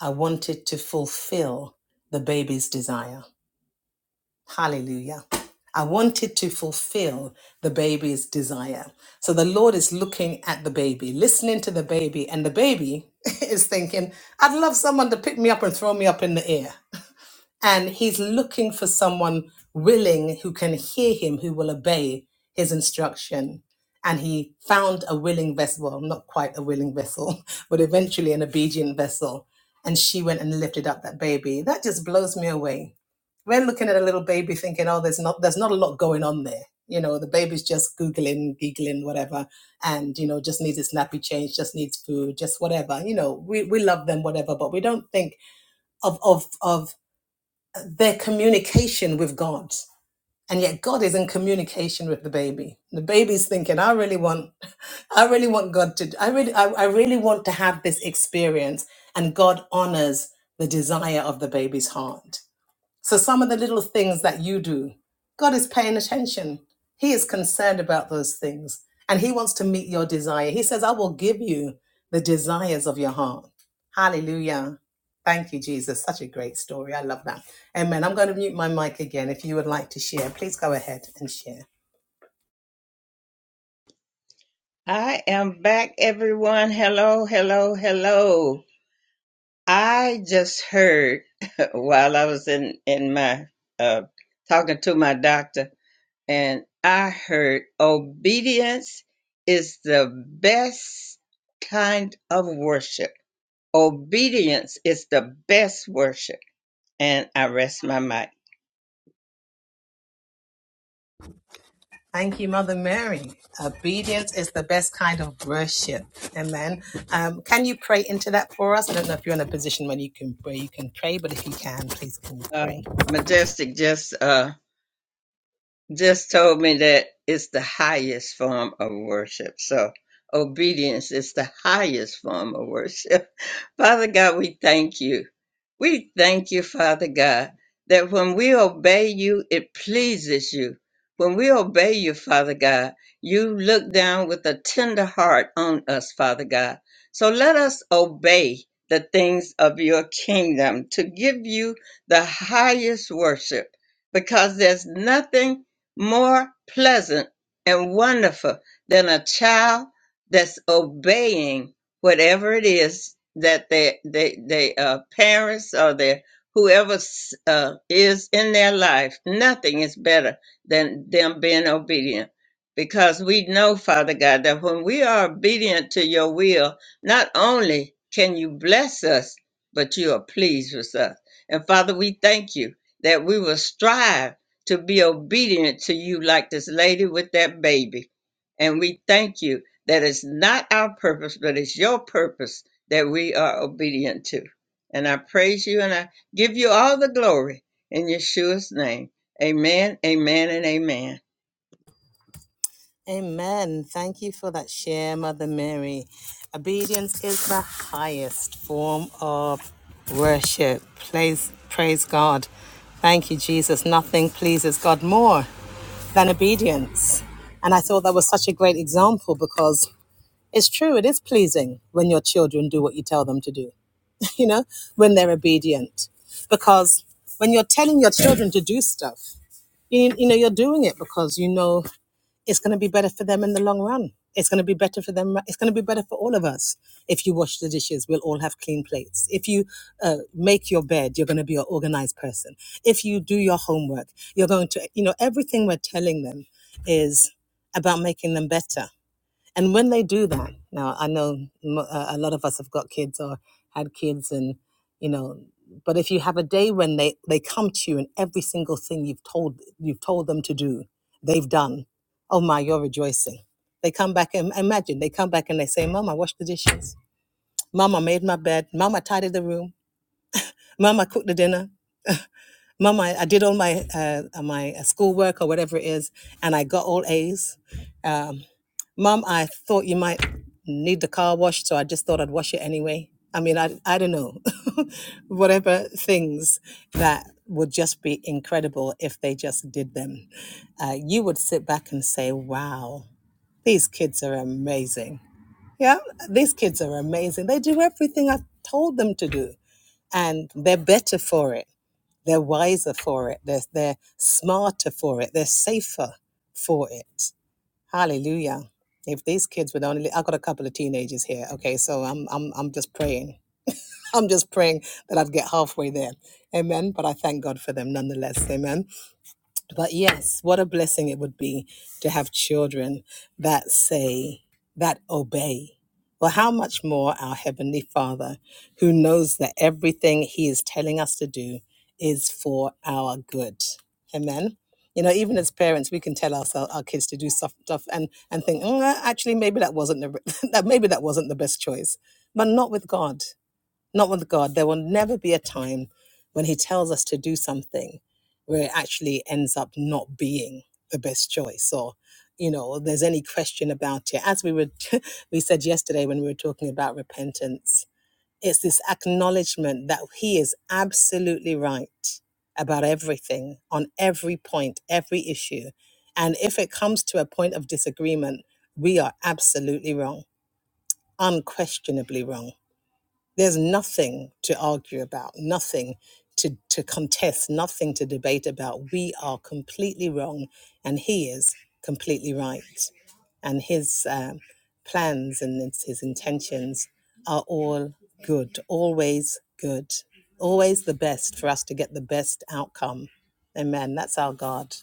Speaker 1: I wanted to fulfill the baby's desire. Hallelujah. I wanted to fulfill the baby's desire. So the Lord is looking at the baby, listening to the baby, and the baby is thinking, I'd love someone to pick me up and throw me up in the air and he's looking for someone willing who can hear him, who will obey his instruction. And he found a willing vessel, well, not quite a willing vessel, but eventually an obedient vessel. And she went and lifted up that baby. That just blows me away. We're looking at a little baby thinking, oh, there's not there's not a lot going on there. You know, the baby's just googling, giggling, whatever, and you know, just needs a nappy change, just needs food, just whatever. You know, we, we love them, whatever, but we don't think of of of their communication with God. And yet God is in communication with the baby. The baby's thinking, I really want, I really want God to, I really, I, I really want to have this experience. And God honors the desire of the baby's heart. So some of the little things that you do, God is paying attention. He is concerned about those things. And he wants to meet your desire. He says, I will give you the desires of your heart. Hallelujah. Thank you, Jesus. Such a great story. I love that. Amen. I'm going to mute my mic again. If you would like to share, please go ahead and share.
Speaker 6: I am back, everyone. Hello, hello, hello. I just heard while I was in in my uh, talking to my doctor, and I heard obedience is the best kind of worship. Obedience is the best worship, and I rest my mic.
Speaker 1: Thank you, Mother Mary. Obedience is the best kind of worship. Amen. Um, can you pray into that for us? I don't know if you're in a position when you can where you can pray, but if you can, please can you
Speaker 6: Uh,
Speaker 1: pray?
Speaker 6: Majestic just uh, just told me that it's the highest form of worship. So obedience is the highest form of worship. Father God, we thank you. We thank you, Father God, that when we obey you, it pleases you. When we obey you, Father God, you look down with a tender heart on us, Father God. So let us obey the things of your kingdom to give you the highest worship, because there's nothing more pleasant and wonderful than a child that's obeying whatever it is that they they they uh parents or their whoever s- uh, is in their life nothing is better than them being obedient because we know father god that when we are obedient to your will not only can you bless us but you are pleased with us and father we thank you that we will strive to be obedient to you like this lady with that baby and we thank you that is not our purpose, but it's your purpose that we are obedient to. And I praise you and I give you all the glory in Yeshua's name. Amen, amen, and amen.
Speaker 1: Amen. Thank you for that share, Mother Mary. Obedience is the highest form of worship. Praise, praise God. Thank you, Jesus. Nothing pleases God more than obedience. And I thought that was such a great example because It's true, it is pleasing when your children do what you tell them to do, you know, when they're obedient. Because when you're telling your children to do stuff, you, you know, you're doing it because you know it's going to be better for them in the long run. It's going to be better for them. It's going to be better for all of us. If you wash the dishes, we'll all have clean plates. If you uh, make your bed, you're going to be an organized person. If you do your homework, you're going to, you know, everything we're telling them is about making them better and when they do that, now I know uh, a lot of us have got kids or had kids, and you know, but if you have a day when they they come to you and every single thing you've told you've told them to do, they've done. Oh my, you're rejoicing. They come back and imagine they come back and they say, "Mom, I washed the dishes. Mom, I made my bed. Mom, I tidied the room. Mom, I cooked the dinner. Mom, I, I did all my uh, uh, my uh, schoolwork or whatever it is, and I got all A's. Um, Mom, I thought you might need the car washed, so I just thought I'd wash it anyway. I mean, I, I don't know. whatever things that would just be incredible if they just did them. Uh, you would sit back and say, wow, these kids are amazing. Yeah, these kids are amazing. They do everything I've told them to do, and they're better for it. They're wiser for it. They're, they're smarter for it. They're safer for it. Hallelujah. If these kids would only, I've got a couple of teenagers here. Okay. So I'm, I'm, I'm just praying. I'm just praying that I'd get halfway there. Amen. But I thank God for them nonetheless. Amen. But yes, what a blessing it would be to have children that say, that obey. Well, how much more our Heavenly Father, who knows that everything He is telling us to do is for our good. Amen. You know, even as parents, we can tell ourselves, our kids to do stuff, stuff and, and think, "Mm, uh, actually, maybe that wasn't the, that maybe that wasn't the best choice, but not with God. Not with God. There will never be a time when He tells us to do something where it actually ends up not being the best choice or you know there's any question about it as we were we said yesterday when we were talking about repentance it's this acknowledgement that he is absolutely right about everything on every point every issue and if it comes to a point of disagreement we are absolutely wrong unquestionably wrong there's nothing to argue about, nothing to, to contest, nothing to debate about. We are completely wrong, and He is completely right. And His um, plans and his his intentions are all good, always good, always the best for us to get the best outcome. Amen. That's our God.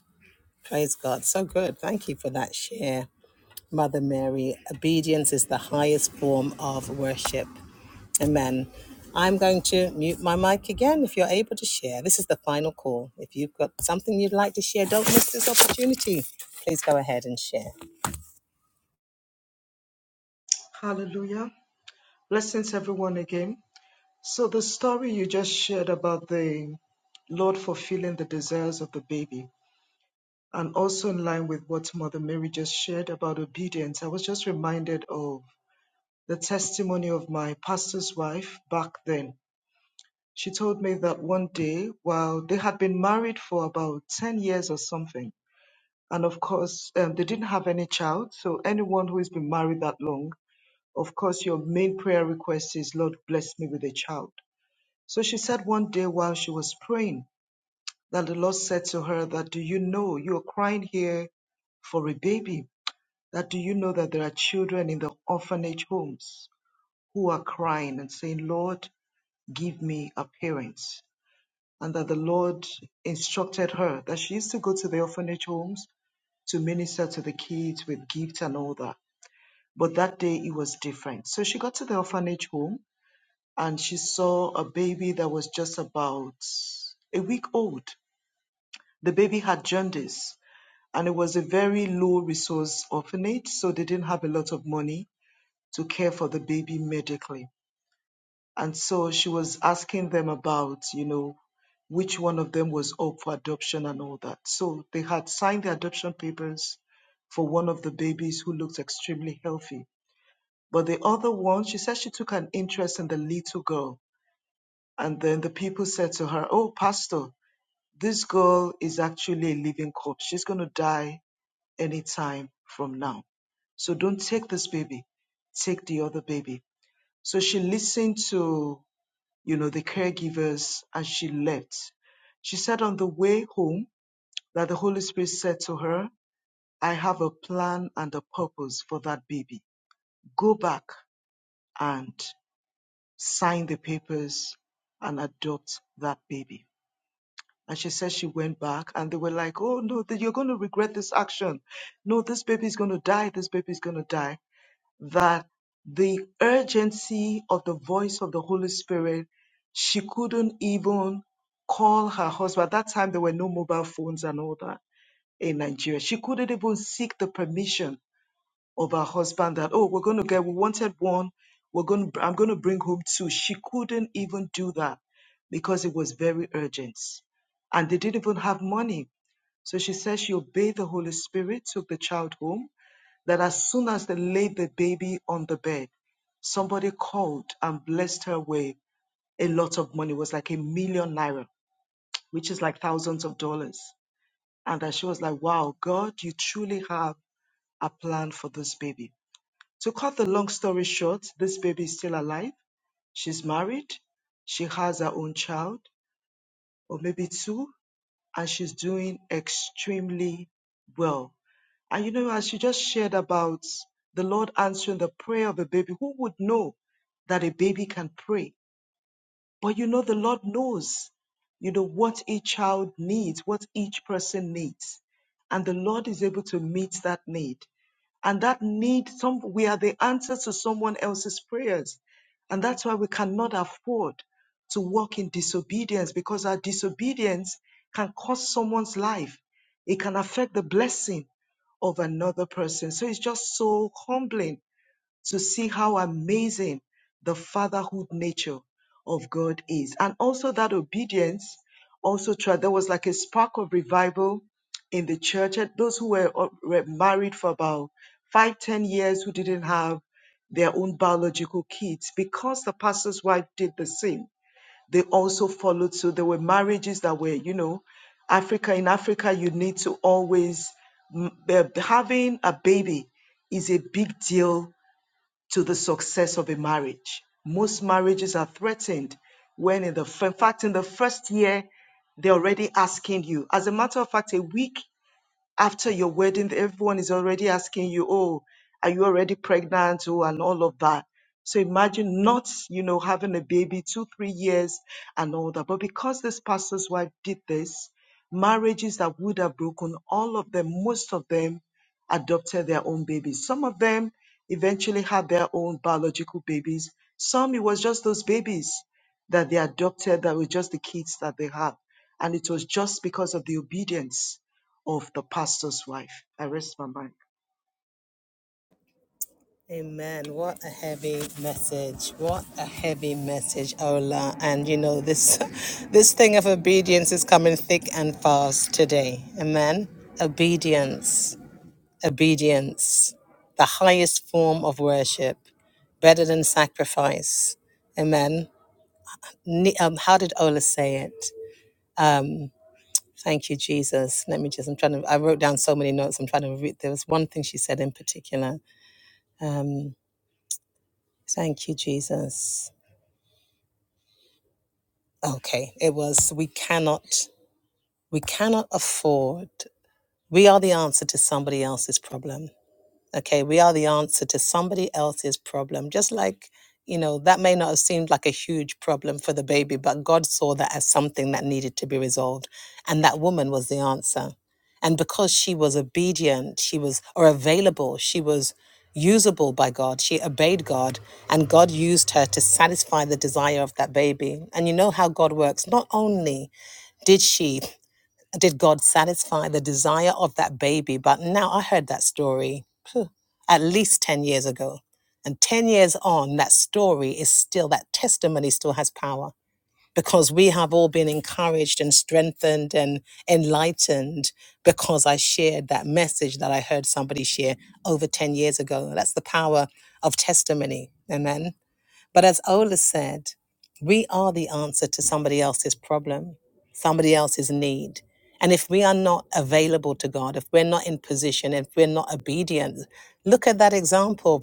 Speaker 1: Praise God. So good. Thank you for that share, Mother Mary. Obedience is the highest form of worship. Amen. I'm going to mute my mic again if you're able to share. This is the final call. If you've got something you'd like to share, don't miss this opportunity. Please go ahead and share.
Speaker 2: Hallelujah. Blessings, everyone, again. So the story you just shared about the Lord fulfilling the desires of the baby, and also in line with what Mother Mary just shared about obedience, I was just reminded of the testimony of my pastor's wife back then. She told me that one day, while they had been married for about 10 years or something, and of course, um, they didn't have any child. So, anyone who has been married that long, of course, your main prayer request is, Lord, bless me with a child. So she said one day while she was praying that the Lord said to her that do you know you are crying here for a baby? That do you know that there are children in the orphanage homes who are crying and saying, Lord, give me a parent? And that the Lord instructed her that she used to go to the orphanage homes to minister to the kids with gifts and all that. But that day it was different. So she got to the orphanage home and she saw a baby that was just about a week old The baby had jaundice, and it was a very low resource orphanage, so they didn't have a lot of money to care for the baby medically. And so she was asking them about, you know, which one of them was up for adoption and all that. So they had signed the adoption papers for one of the babies who looked extremely healthy. But the other one, she said she took an interest in the little girl. And then the people said to her, Oh, Pastor, this girl is actually a living corpse. She's going to die anytime from now. So don't take this baby, take the other baby. So she listened to, you know, the caregivers and she left. She said on the way home that the Holy Spirit said to her, I have a plan and a purpose for that baby. Go back and sign the papers and adopt that baby. And she said she went back and they were like, oh no, you're going to regret this action. No, this baby is going to die. This baby is going to die. that the urgency of the voice of the Holy Spirit, she couldn't even call her husband. At that time, there were no mobile phones and all that in Nigeria. She couldn't even seek the permission of her husband that, oh, we're going to get, we wanted one, we're going to, I'm going to bring home two. She couldn't even do that because it was very urgent. And they didn't even have money. So she said she obeyed the Holy Spirit, took the child home that as soon as they laid the baby on the bed, somebody called and blessed her with a lot of money. It was like a million naira, which is like thousands of dollars. And that she was like, wow, God, you truly have a plan for this baby. To cut the long story short, this baby is still alive. She's married. She has her own child, or maybe two. and she's doing extremely well. And you know, as she just shared about the Lord answering the prayer of a baby, who would know that a baby can pray? But you know, the Lord knows, you know, what each child needs, what each person needs. And the Lord is able to meet that need and that need some we are the answer to someone else's prayers and that's why we cannot afford to walk in disobedience because our disobedience can cost someone's life it can affect the blessing of another person so it's just so humbling to see how amazing the fatherhood nature of God is. And also that obedience also tried, there was like a spark of revival in the church. And Those who were, uh, were married for about five, ten years who didn't have their own biological kids, because the pastor's wife did the same, they also followed. So there were marriages that were, you know, Africa, in Africa, you need to always, mm, uh, having a baby is a big deal to the success of a marriage. Most marriages are threatened when, in the in fact, in the first year, they're already asking you. As a matter of fact, a week after your wedding, everyone is already asking you, oh, are you already pregnant? Oh, and all of that. So imagine not, you know, having a baby two, three years and all that. But because this pastor's wife did this, marriages that would have broken, all of them, most of them adopted their own babies. Some of them eventually had their own biological babies. Some, it was just those babies that they adopted that were just the kids that they had. And it was just because of the obedience of the pastor's wife. I rest my mind.
Speaker 1: Amen. What a heavy message. What a heavy message, Ola. And you know, this this thing of obedience is coming thick and fast today. Amen. Obedience. Obedience. The highest form of worship. Better than sacrifice. Amen. Ne- Um, how did Ola say it? Um, thank you, Jesus. Let me just, I'm trying to, I wrote down so many notes. I'm trying to read. There was one thing she said in particular. Um, thank you, Jesus. Okay, it was we cannot we cannot afford we are the answer to somebody else's problem. Okay, we are the answer to somebody else's problem. Just like, you know, that may not have seemed like a huge problem for the baby, but God saw that as something that needed to be resolved. And that woman was the answer. And because she was obedient, she was, or available, she was usable by God. She obeyed God, and God used her to satisfy the desire of that baby. And you know how God works. Not only did she, did God satisfy the desire of that baby, but now I heard that story at least 10 years ago. And 10 years on, that story is still, that testimony still has power because we have all been encouraged and strengthened and enlightened because I shared that message that I heard somebody share over 10 years ago. That's the power of testimony. Amen. But as Ola said, we are the answer to somebody else's problem, somebody else's need. And if we are not available to God, if we're not in position, if we're not obedient, look at that example.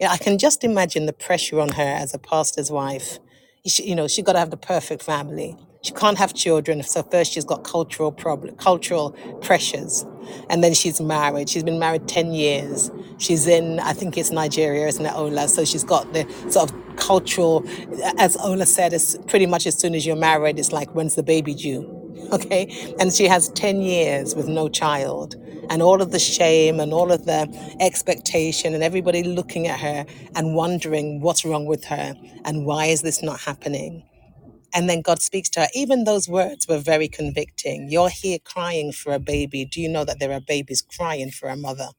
Speaker 1: Yeah, I can just imagine the pressure on her as a pastor's wife. She, you know, she got to have the perfect family. She can't have children, so first she's got cultural problem, cultural pressures and then she's married. She's been married 10 years. She's in, I think it's Nigeria, isn't it, Ola? So she's got the sort of cultural, as Ola said, it's pretty much as soon as you're married, it's like, when's the baby due? Okay. And she has 10 years with no child. And all of the shame and all of the expectation and everybody looking at her and wondering what's wrong with her and why is this not happening? And then God speaks to her. Even those words were very convicting. You're here crying for a baby. Do you know that there are babies crying for a mother?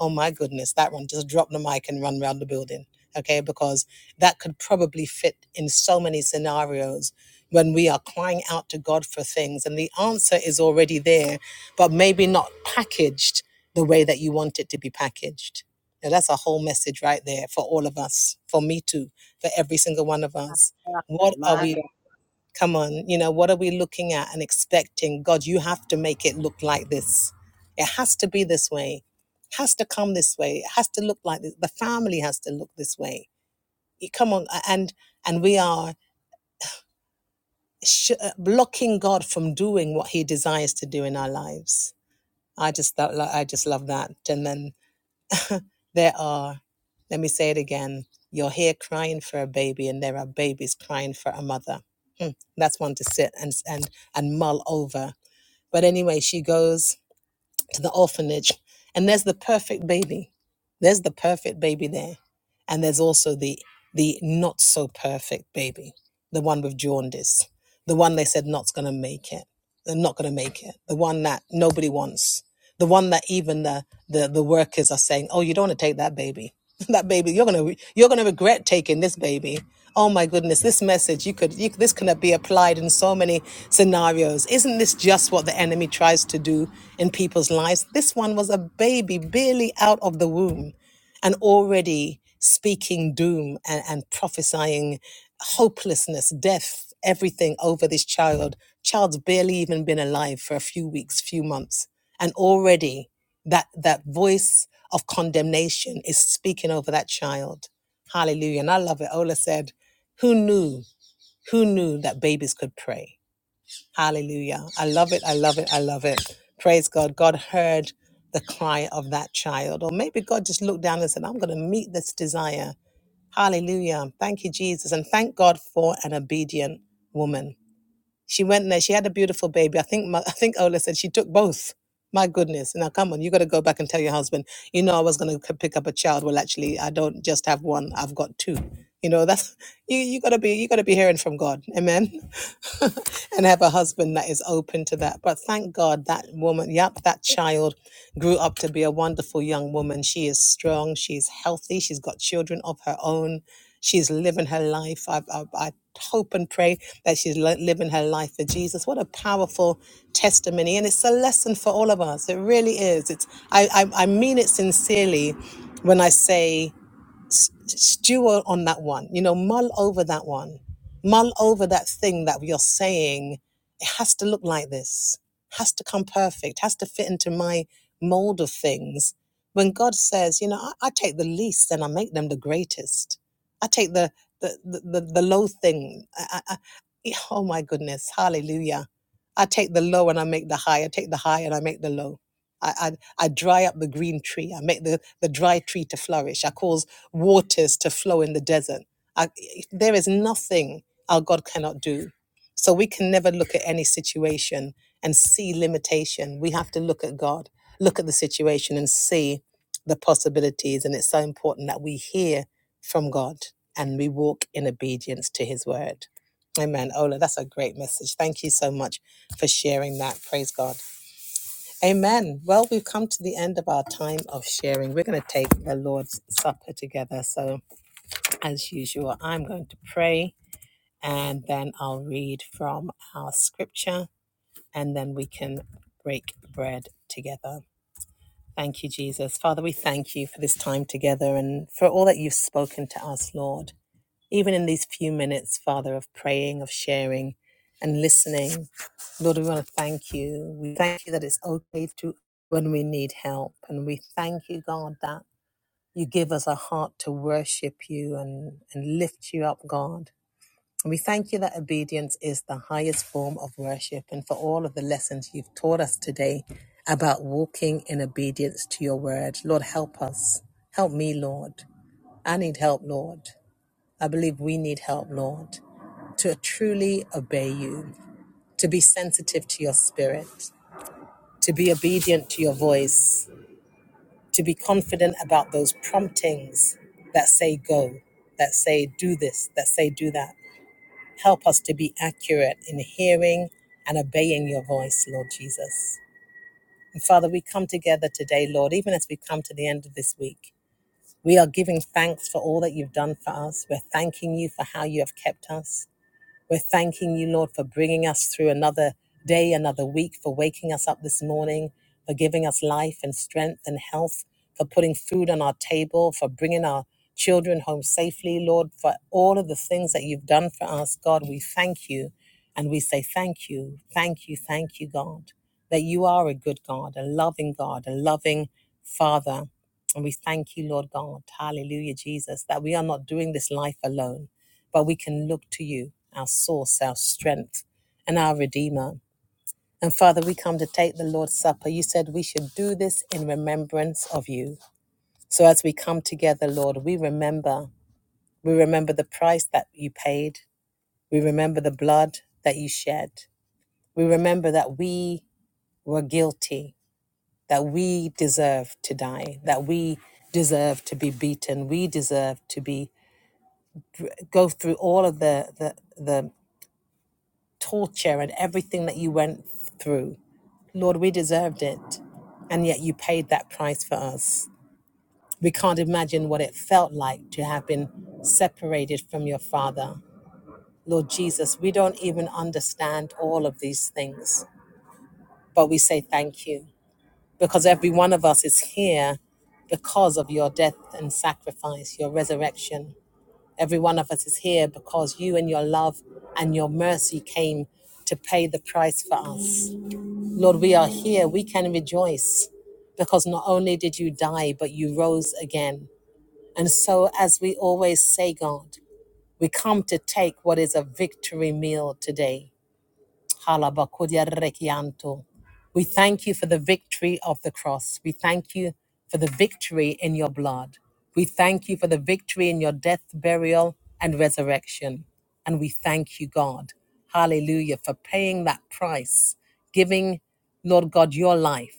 Speaker 1: Oh my goodness, that one. Just drop the mic and run around the building. Okay, because that could probably fit in so many scenarios when we are crying out to God for things and the answer is already there, but maybe not packaged the way that you want it to be packaged. Now, that's a whole message right there for all of us, for me too, for every single one of us. What are we Come on, you know, what are we looking at and expecting? God, you have to make it look like this. It has to be this way. It has to come this way. It has to look like this. The family has to look this way. You- Come on, a- and and we are sh- uh, blocking God from doing what He desires to do in our lives. I just thought, lo- I just love that. And then there are, let me say it again, you're here crying for a baby, and there are babies crying for a mother. Mm, that's one to sit and and and mull over But anyway, she goes to the orphanage, and there's the perfect baby. There's the perfect baby there, and there's also the the not so perfect baby, the one with jaundice, the one they said not's gonna make it, they're not gonna make it, the one that nobody wants, the one that even the the, the workers are saying, oh, you don't want to take that baby, that baby, you're gonna you're gonna regret taking this baby Oh my goodness, this message you could you, this could be applied in so many scenarios. Isn't this just what the enemy tries to do in people's lives? This one was a baby barely out of the womb and already speaking doom and, and prophesying hopelessness, death, everything over this child. Child's barely even been alive for a few weeks, few months, and already that that voice of condemnation is speaking over that child. Hallelujah. And I love it. Ola said. Who knew? Who knew that babies could pray? Hallelujah. I love it. I love it. I love it. Praise God. God heard the cry of that child. Or maybe God just looked down and said, I'm going to meet this desire. Hallelujah. Thank you, Jesus. And thank God for an obedient woman. She went there. She had a beautiful baby. I think my, I think Ola said she took both. My goodness! Now come on, you got to go back and tell your husband. You know, I was going to pick up a child. Well, actually, I don't just have one. I've got two. You know, that's you. You got to be. You got to be hearing from God. Amen. and have a husband that is open to that. But thank God that woman. Yep, that child grew up to be a wonderful young woman. She is strong. She's healthy. She's got children of her own She's living her life. I, I, I hope and pray that she's li- living her life for Jesus. What a powerful testimony. And it's a lesson for all of us. It really is. It's, I, I, I mean it sincerely when I say, s- stew on that one you know mull over that one mull over that thing that you're saying it has to look like this has to come perfect has to fit into my mold of things when god says you know i, I take the least and i make them the greatest i take the the the, the, the low thing I, I, I, oh my goodness hallelujah i take the low and i make the high i take the high and i make the low I, I, I dry up the green tree. I make the, the dry tree to flourish. I cause waters to flow in the desert. I, there is nothing our God cannot do. So we can never look at any situation and see limitation. We have to look at God, look at the situation and see the possibilities. And it's so important that we hear from God and we walk in obedience to his word. Amen. Ola, that's a great message. Thank you so much for sharing that. Praise God. Amen. Well, we've come to the end of our time of sharing. We're going to take the Lord's Supper together. So, as usual, I'm going to pray and then I'll read from our scripture and then we can break bread together. Thank you, Jesus. Father, we thank you for this time together and for all that you've spoken to us, Lord. Even in these few minutes, Father, of praying, of sharing, and listening, Lord, we want to thank you. We thank you that it's okay to when we need help. And we thank you, God, that you give us a heart to worship you and, and lift you up, God. We thank you that obedience is the highest form of worship and for all of the lessons you've taught us today about walking in obedience to your word. Lord, help us. Help me, Lord. I need help, Lord. I believe we need help, Lord, to truly obey you, to be sensitive to your spirit, to be obedient to your voice, to be confident about those promptings that say go, that say do this, that say do that Help us to be accurate in hearing and obeying your voice, Lord Jesus. And Father, we come together today, Lord, even as we come to the end of this week. We are giving thanks for all that you've done for us. We're thanking you for how you have kept us. We're thanking you, Lord, for bringing us through another day, another week, for waking us up this morning, for giving us life and strength and health, for putting food on our table, for bringing our children home safely, Lord, for all of the things that you've done for us, God. We thank you and we say thank you, thank you, thank you, God, that you are a good God, a loving God, a loving Father. And we thank you, Lord God. Hallelujah, Jesus, that we are not doing this life alone but we can look to you, our source, our strength, and our Redeemer. And Father, we come to take the Lord's Supper. You said we should do this in remembrance of you. So as we come together, Lord, we remember. We remember the price that you paid. We remember the blood that you shed. We remember that we were guilty, that we deserve to die, that we deserve to be beaten, we deserve to be go through all of the the the torture and everything that you went through. Lord, we deserved it. And yet you paid that price for us. We can't imagine what it felt like to have been separated from your Father. Lord Jesus, we don't even understand all of these things, but we say thank you because every one of us is here because of your death and sacrifice, your resurrection. Every one of us is here because you and your love and your mercy came to pay the price for us. Lord, we are here. We can rejoice because not only did you die, but you rose again. And so, as we always say, God, we come to take what is a victory meal today. Halabakudiarekianto. We thank you for the victory of the cross. We thank you for the victory in your blood. We thank you for the victory in your death, burial, and resurrection. And we thank you, God. Hallelujah, for paying that price, giving, Lord God, your life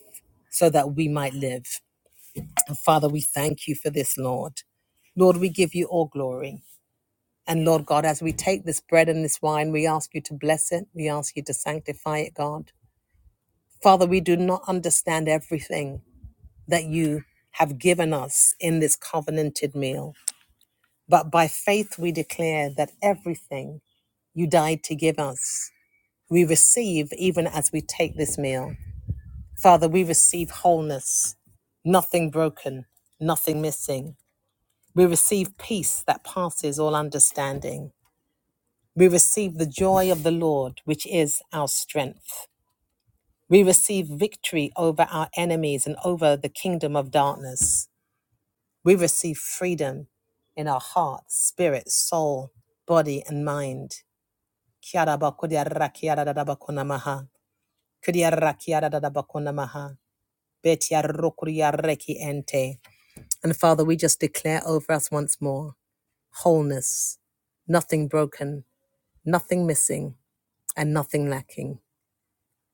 Speaker 1: so that we might live. And Father, we thank you for this, Lord. Lord, we give you all glory. And Lord God, as we take this bread and this wine, we ask you to bless it. We ask you to sanctify it, God. Father, we do not understand everything that you have given us in this covenanted meal, but by faith we declare that everything you died to give us, we receive even as we take this meal. Father, we receive wholeness, nothing broken, nothing missing. We receive peace that passes all understanding. We receive the joy of the Lord, which is our strength. We receive victory over our enemies and over the kingdom of darkness. We receive freedom in our heart, spirit, soul, body, and mind. And Father, we just declare over us once more wholeness, nothing broken, nothing missing, and nothing lacking.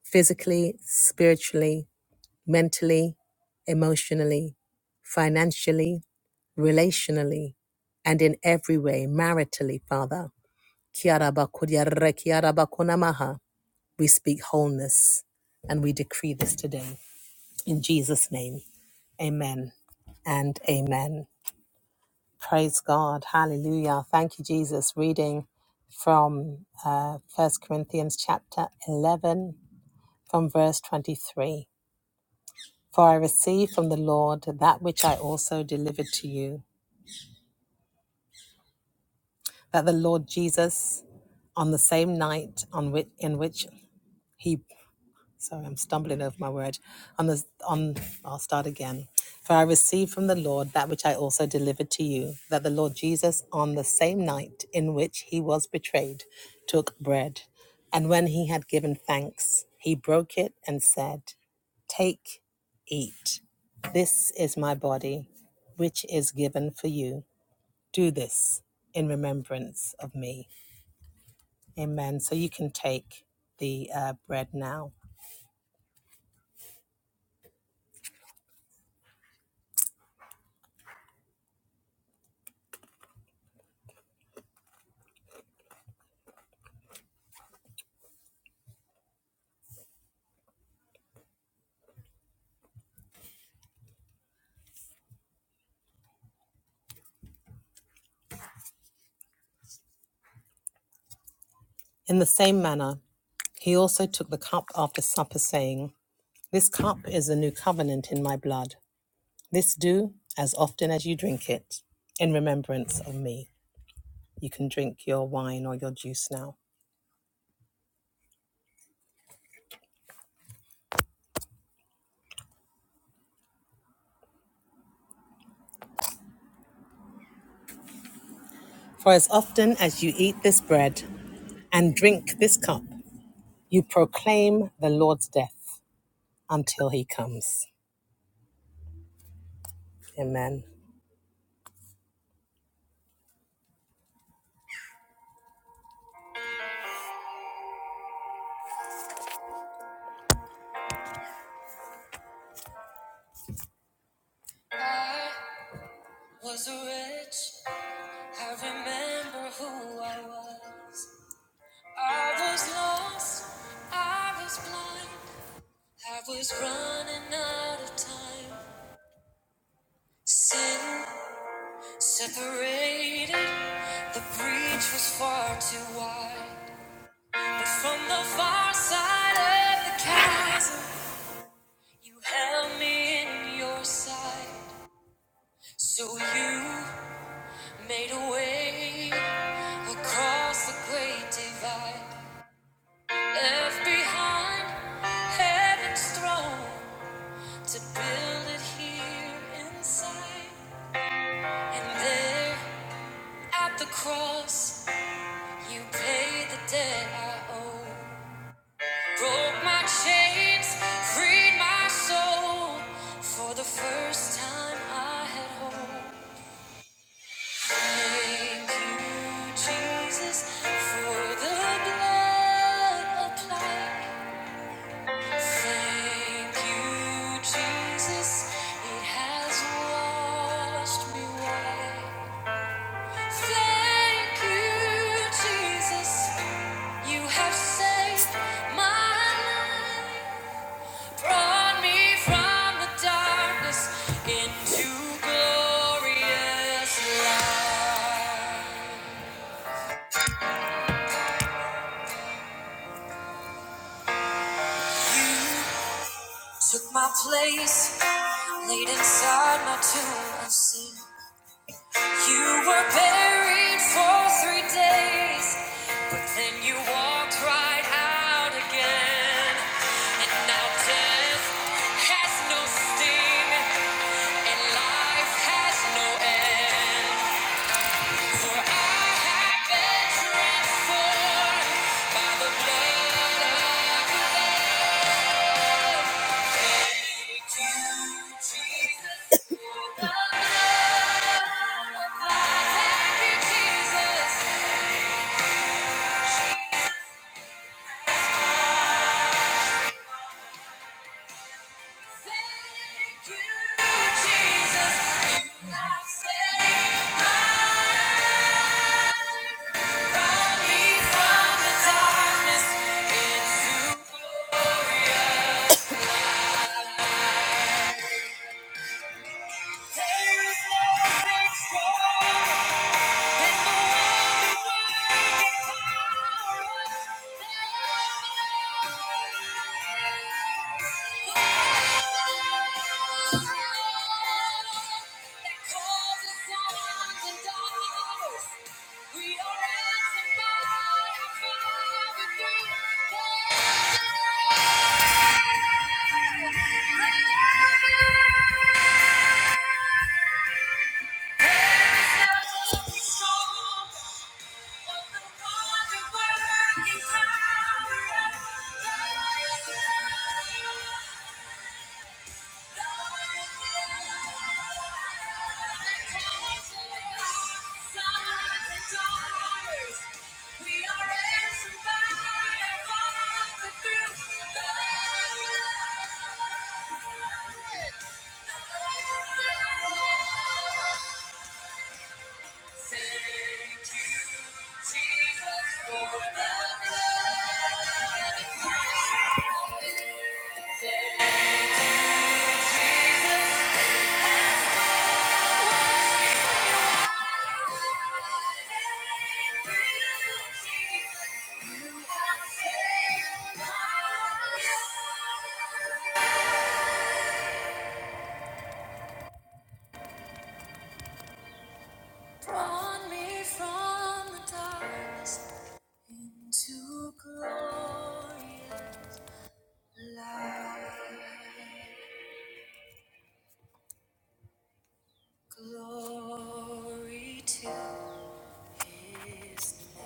Speaker 1: physically, spiritually, mentally, emotionally, financially, relationally, and in every way, maritally, Father. Kiara bakudia re bakuna maha. We speak wholeness and we decree this today. In Jesus' name, amen and amen. Praise God. Hallelujah. Thank you, Jesus. Reading from uh, 1 Corinthians chapter 11, from verse 23. For I received from the Lord that which I also delivered to you, that the Lord Jesus, on the same night on which, in which he sorry, I'm stumbling over my word. On the on I'll start again. For I received from the Lord that which I also delivered to you, that the Lord Jesus on the same night in which he was betrayed took bread, and when he had given thanks, he broke it and said, Take, eat. This is my body, which is given for you. Do this in remembrance of me. Amen. So you can take the uh, bread now. In the same manner, He also took the cup after supper, saying, This cup is the new covenant in my blood. This do as often as you drink it in remembrance of me. You can drink your wine or your juice now. For as often as you eat this bread and drink this cup, you proclaim the Lord's death until he comes. Amen. Was a I remember who I was. I was lost, I was blind. I was running out of time. Sin separated. The breach was far too wide. But from the far side of the chasm, you held me in your side. So you made a way across the great divide. Left behind heaven's throne to build it here inside. And there At the cross, you paid the debt I owe. Broke my chains, freed my soul. For the first time, I had hope. Thank you, Jesus, for the blood applied. Thank you, Jesus, it has washed me white. Thank you, Jesus. You have saved my life, brought me from the darkness into glorious light. You took my place, laid inside my tomb unseen. You were buried for three days, but then you walked right out again. And now death has no sting, and life has no end. For I have been transformed by the blood of the Lamb. Jesus, the love of my happy Jesus. There is no fixed Thank you. Thank you. Thank you, Jesus, for the blood. Brought me from the darkness into glory. Like Glory to his name.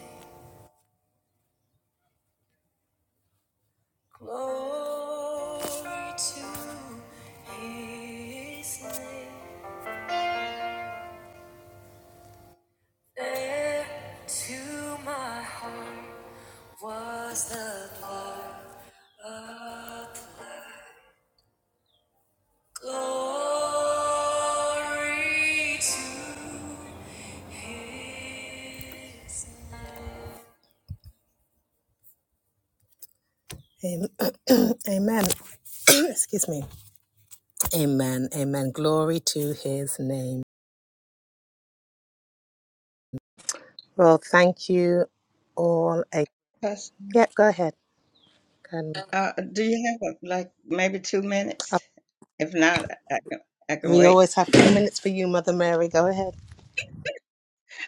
Speaker 1: Glory to his name. There to my heart was the blood of the Lamb. Glory to his name. Am- Amen. Excuse me. Amen. Amen. Glory to his name. Well, thank you all. A-
Speaker 6: Pastor,
Speaker 1: yeah, go ahead. Um,
Speaker 6: Uh, do you have uh, like maybe two
Speaker 1: uh,
Speaker 6: minutes? If not, I, I can
Speaker 1: we
Speaker 6: wait.
Speaker 1: always have two minutes for you, Mother Mary. Go ahead.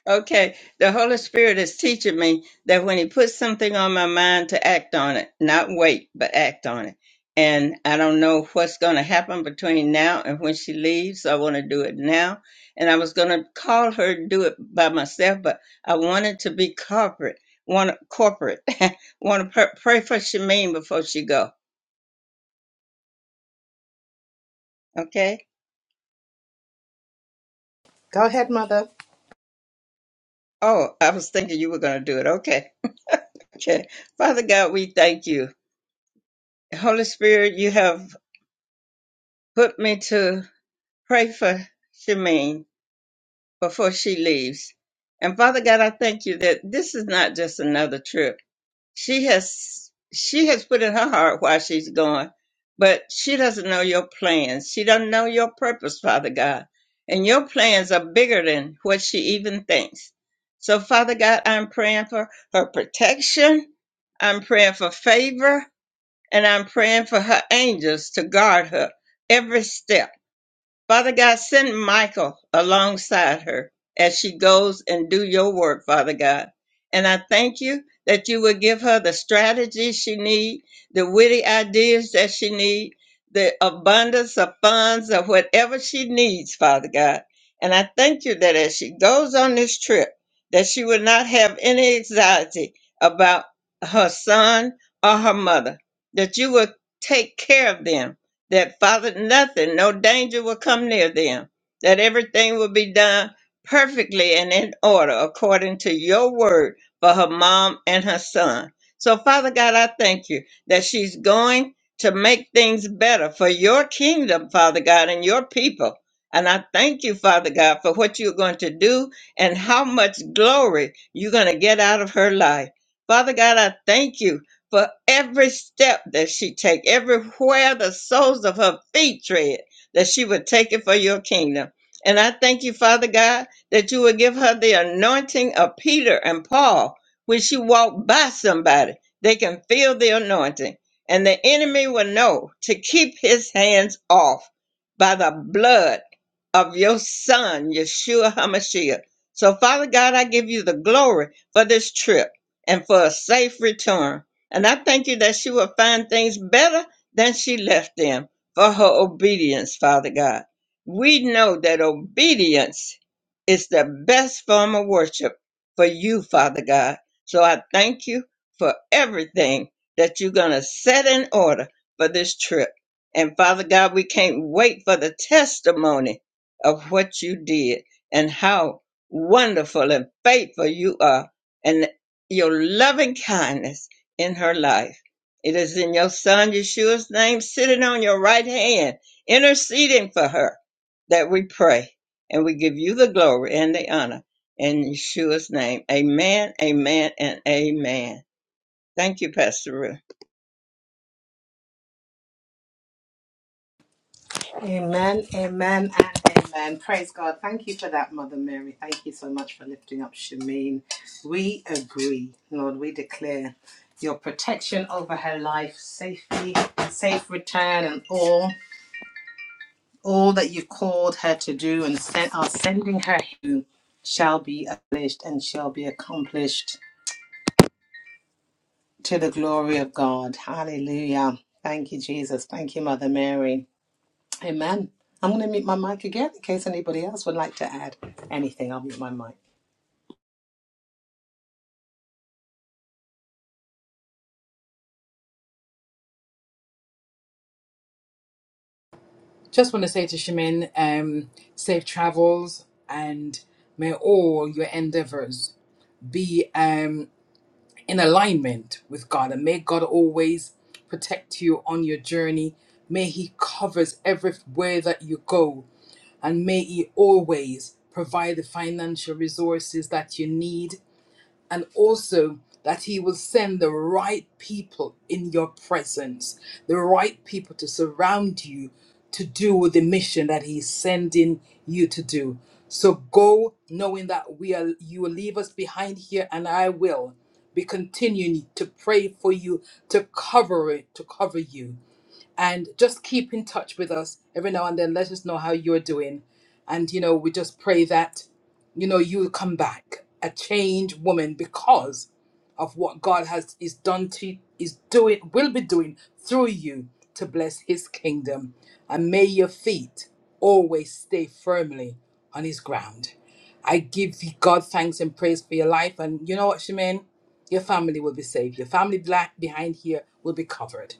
Speaker 6: Okay, the Holy Spirit is teaching me that when He puts something on my mind to act on it, not wait, but act on it. And I don't know what's going to happen between now and when she leaves. So I want to do it now. And I was going to call her to do it by myself, but I wanted to be corporate. Want corporate? want to pr- pray for Shamin before she go? Okay.
Speaker 1: Go ahead, Mother.
Speaker 6: Oh, I was thinking you were going to do it. Okay. Okay. Father God, we thank you. Holy Spirit, you have put me to pray for Shemaine before she leaves. And Father God, I thank you that this is not just another trip. She has she has put in her heart why she's going, but she doesn't know your plans. She doesn't know your purpose, Father God. And your plans are bigger than what she even thinks. So Father God, I'm praying for her protection. I'm praying for favor and I'm praying for her angels to guard her every step. Father God, send Michael alongside her as she goes and do your work, Father God. And I thank you that you will give her the strategies she need, the witty ideas that she need, the abundance of funds of whatever she needs, Father God. And I thank you that as she goes on this trip, that she will not have any anxiety about her son or her mother, that you will take care of them that Father, nothing, no danger will come near them, that everything will be done perfectly and in order according to your word for her mom and her son. So, Father God, I thank you that she's going to make things better for your kingdom, Father God, and your people. And I thank you, Father God, for what you're going to do and how much glory you're going to get out of her life. Father God, I thank you for every step that she take, everywhere the soles of her feet tread, that she would take it for your kingdom. And I thank you, Father God, that you would give her the anointing of Peter and Paul. When she walked by somebody, they can feel the anointing. And the enemy will know to keep his hands off by the blood of your son, Yeshua HaMashiach. So, Father God, I give you the glory for this trip and for a safe return. And I thank you that she will find things better than she left them for her obedience, Father God. We know that obedience is the best form of worship for you, Father God. So I thank you for everything that you're going to set in order for this trip. And Father God, we can't wait for the testimony of what you did and how wonderful and faithful you are and your loving kindness in her life. It is in your son Yeshua's name, sitting on your right hand, interceding for her, that we pray. And we give you the glory and the honor in Yeshua's name. Amen, amen, and amen. Thank you, Pastor Ruth.
Speaker 1: Amen. Amen. And amen. Praise God. Thank you for that, Mother Mary. Thank you so much for lifting up Shameen. We agree, Lord. We declare your protection over her life, safety, safe return, and all All that you called her to do and sent are sending her to shall be accomplished and shall be accomplished to the glory of God. Hallelujah. Thank you, Jesus. Thank you, Mother Mary. Amen. I'm going to mute my mic again in case anybody else would like to add anything. I'll mute my mic.
Speaker 7: Just want to say to Shimin, um, safe travels and may all your endeavors be um, in alignment with God. And may God always protect you on your journey. May He covers everywhere that you go. And may He always provide the financial resources that you need and also that he will send the right people in your presence, the right people to surround you to do with the mission that he's sending you to do. So go knowing that we are you will leave us behind here and I will be continuing to pray for you to cover it, to cover you and just keep in touch with us every now and then. Let us know how you're doing. And, you know, we just pray that, you know, you'll come back a changed woman because of what God has is done to is doing will be doing through you to bless his kingdom. And may your feet always stay firmly on his ground. I give you God thanks and praise for your life. And you know what, Shemin? Your family will be saved. Your family black behind here will be covered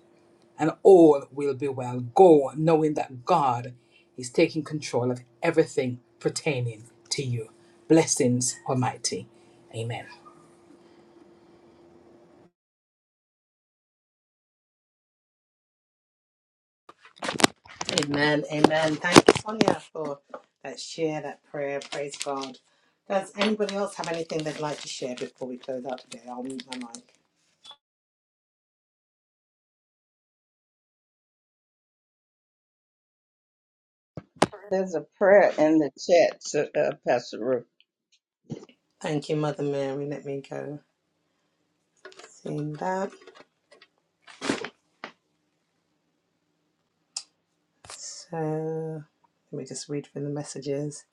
Speaker 7: and all will be well. Go knowing that God is taking control of everything pertaining to you. Blessings, Almighty. Amen.
Speaker 1: Amen. Amen. Thank you, Sonia, for that share, that prayer. Praise God. Does anybody else have anything they'd like to share before we close out today? I'll mute my mic.
Speaker 6: There's a prayer in the chat, so, uh, Pastor Ruth.
Speaker 1: Thank you, Mother Mary. Let me go. Seeing that. So let me just read through the messages.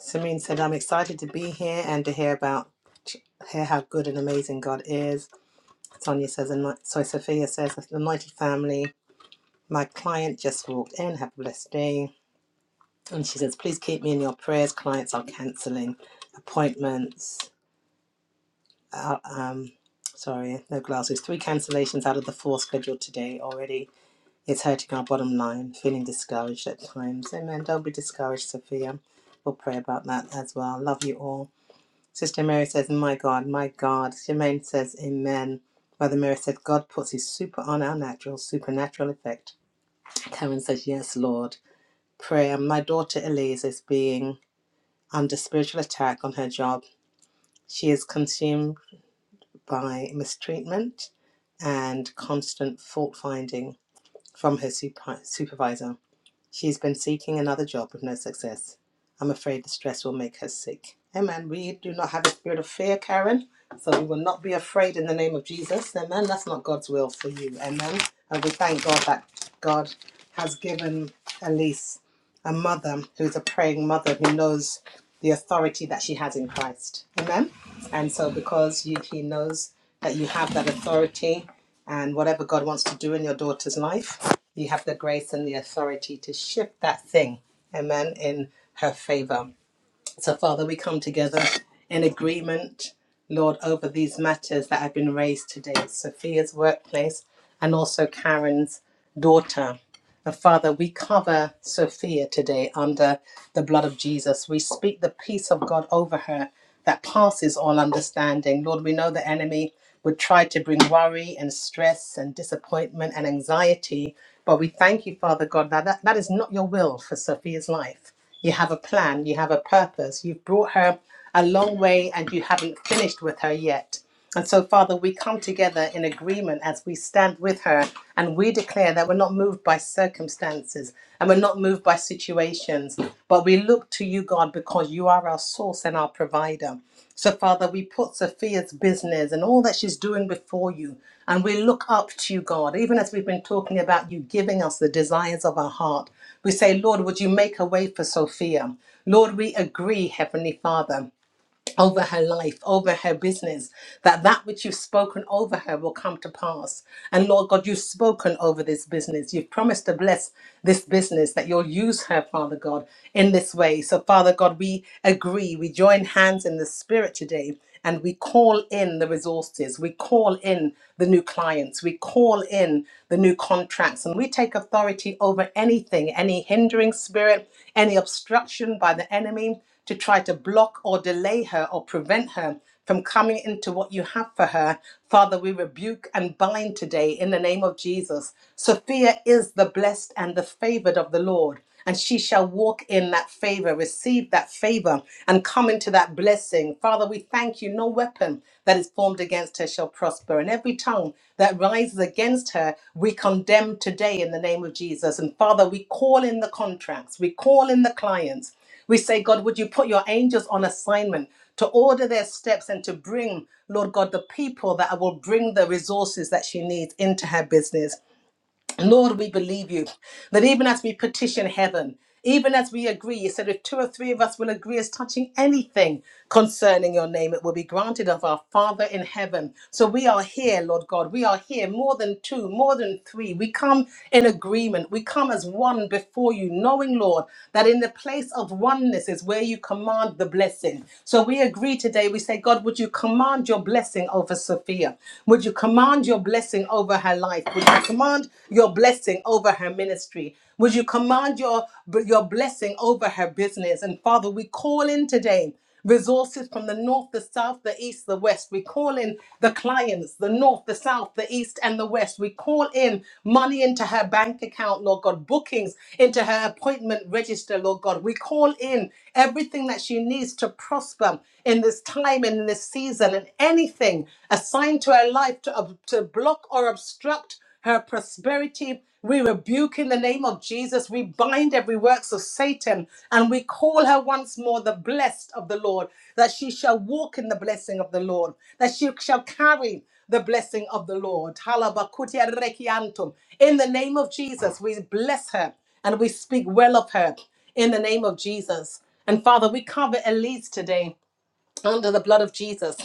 Speaker 1: Samin said, I'm excited to be here and to hear about hear how good and amazing God is. Sonia says, and my, so Sophia says, the mighty family. My client just walked in. Have a blessed day. And she says, please keep me in your prayers. Clients are cancelling appointments. Uh, um, sorry, no glasses. Three cancellations out of the four scheduled today already. It's hurting our bottom line, feeling discouraged at times. Amen. Don't be discouraged, Sophia. We'll pray about that as well. Love you all. Sister Mary says, My God, my God. Jermaine says, Amen. Mother Mary said, God puts his super on our natural, supernatural effect. Karen says, Yes, Lord. Prayer. My daughter Elise is being under spiritual attack on her job. She is consumed by mistreatment and constant fault finding from her super- supervisor. She's been seeking another job with no success. I'm afraid the stress will make her sick. Amen. We do not have a spirit of fear, Karen. So we will not be afraid in the name of Jesus. Amen. That's not God's will for you. Amen. And we thank God that God has given Elise a mother who's a praying mother who knows the authority that she has in Christ. Amen. And so because you, he knows that you have that authority and whatever God wants to do in your daughter's life you have the grace and the authority to shift that thing, amen, in her favor. So, Father, we come together in agreement, Lord, over these matters that have been raised today Sophia's workplace and also Karen's daughter. And Father, we cover Sophia today under the blood of Jesus. We speak the peace of God over her that passes all understanding. Lord, we know the enemy would try to bring worry and stress and disappointment and anxiety, but we thank you, Father God, that that, that is not your will for Sophia's life. You have a plan, you have a purpose. You've brought her a long way and you haven't finished with her yet. And so, Father, we come together in agreement as we stand with her and we declare that we're not moved by circumstances and we're not moved by situations, but we look to you, God, because you are our source and our provider. So, Father, we put Sophia's business and all that she's doing before you, and we look up to you, God, even as we've been talking about you giving us the desires of our heart. We say, Lord, would you make a way for Sophia? Lord, we agree, Heavenly Father over her life, over her business, that that which you've spoken over her will come to pass. And Lord God, you've spoken over this business. You've promised to bless this business, that you'll use her, Father God, in this way. So, Father God, we agree. We join hands in the Spirit today and we call in the resources. We call in the new clients. We call in the new contracts. And we take authority over anything, any hindering spirit, any obstruction by the enemy to try to block or delay her or prevent her from coming into what you have for her. Father, we rebuke and bind today in the name of Jesus. Sophia is the blessed and the favored of the Lord. And she shall walk in that favor, receive that favor, and come into that blessing. Father, we thank you. No weapon that is formed against her shall prosper. And every tongue that rises against her, we condemn today in the name of Jesus. And Father, we call in the contracts, we call in the clients. We say, God, would you put your angels on assignment to order their steps and to bring, Lord God, the people that will bring the resources that she needs into her business. Lord, we believe you that even as we petition heaven, even as we agree, you said if two or three of us will agree as touching anything concerning your name, it will be granted of our Father in heaven. So we are here, Lord God. We are here more than two, more than three. We come in agreement. We come as one before you, knowing, Lord, that in the place of oneness is where you command the blessing. So we agree today. We say, God, would you command your blessing over Sophia? Would you command your your blessing over her life? Would you command your blessing over her ministry? Would you command your, your blessing over her business? And Father, we call in today resources from the north, the south, the east, the west. We call in the clients, the north, the south, the east, and the west. We call in money into her bank account, Lord God, bookings into her appointment register, Lord God. We call in everything that she needs to prosper in this time and in this season and any anything assigned to her life to, ob- to block or obstruct her prosperity. We rebuke in the name of Jesus. We bind every works of Satan and we call her once more the blessed of the Lord, that she shall walk in the blessing of the Lord, that she shall carry the blessing of the Lord. Halabakutia rekiantum. In the name of Jesus, we bless her and we speak well of her in the name of Jesus. And Father, we cover Elise today under the blood of Jesus.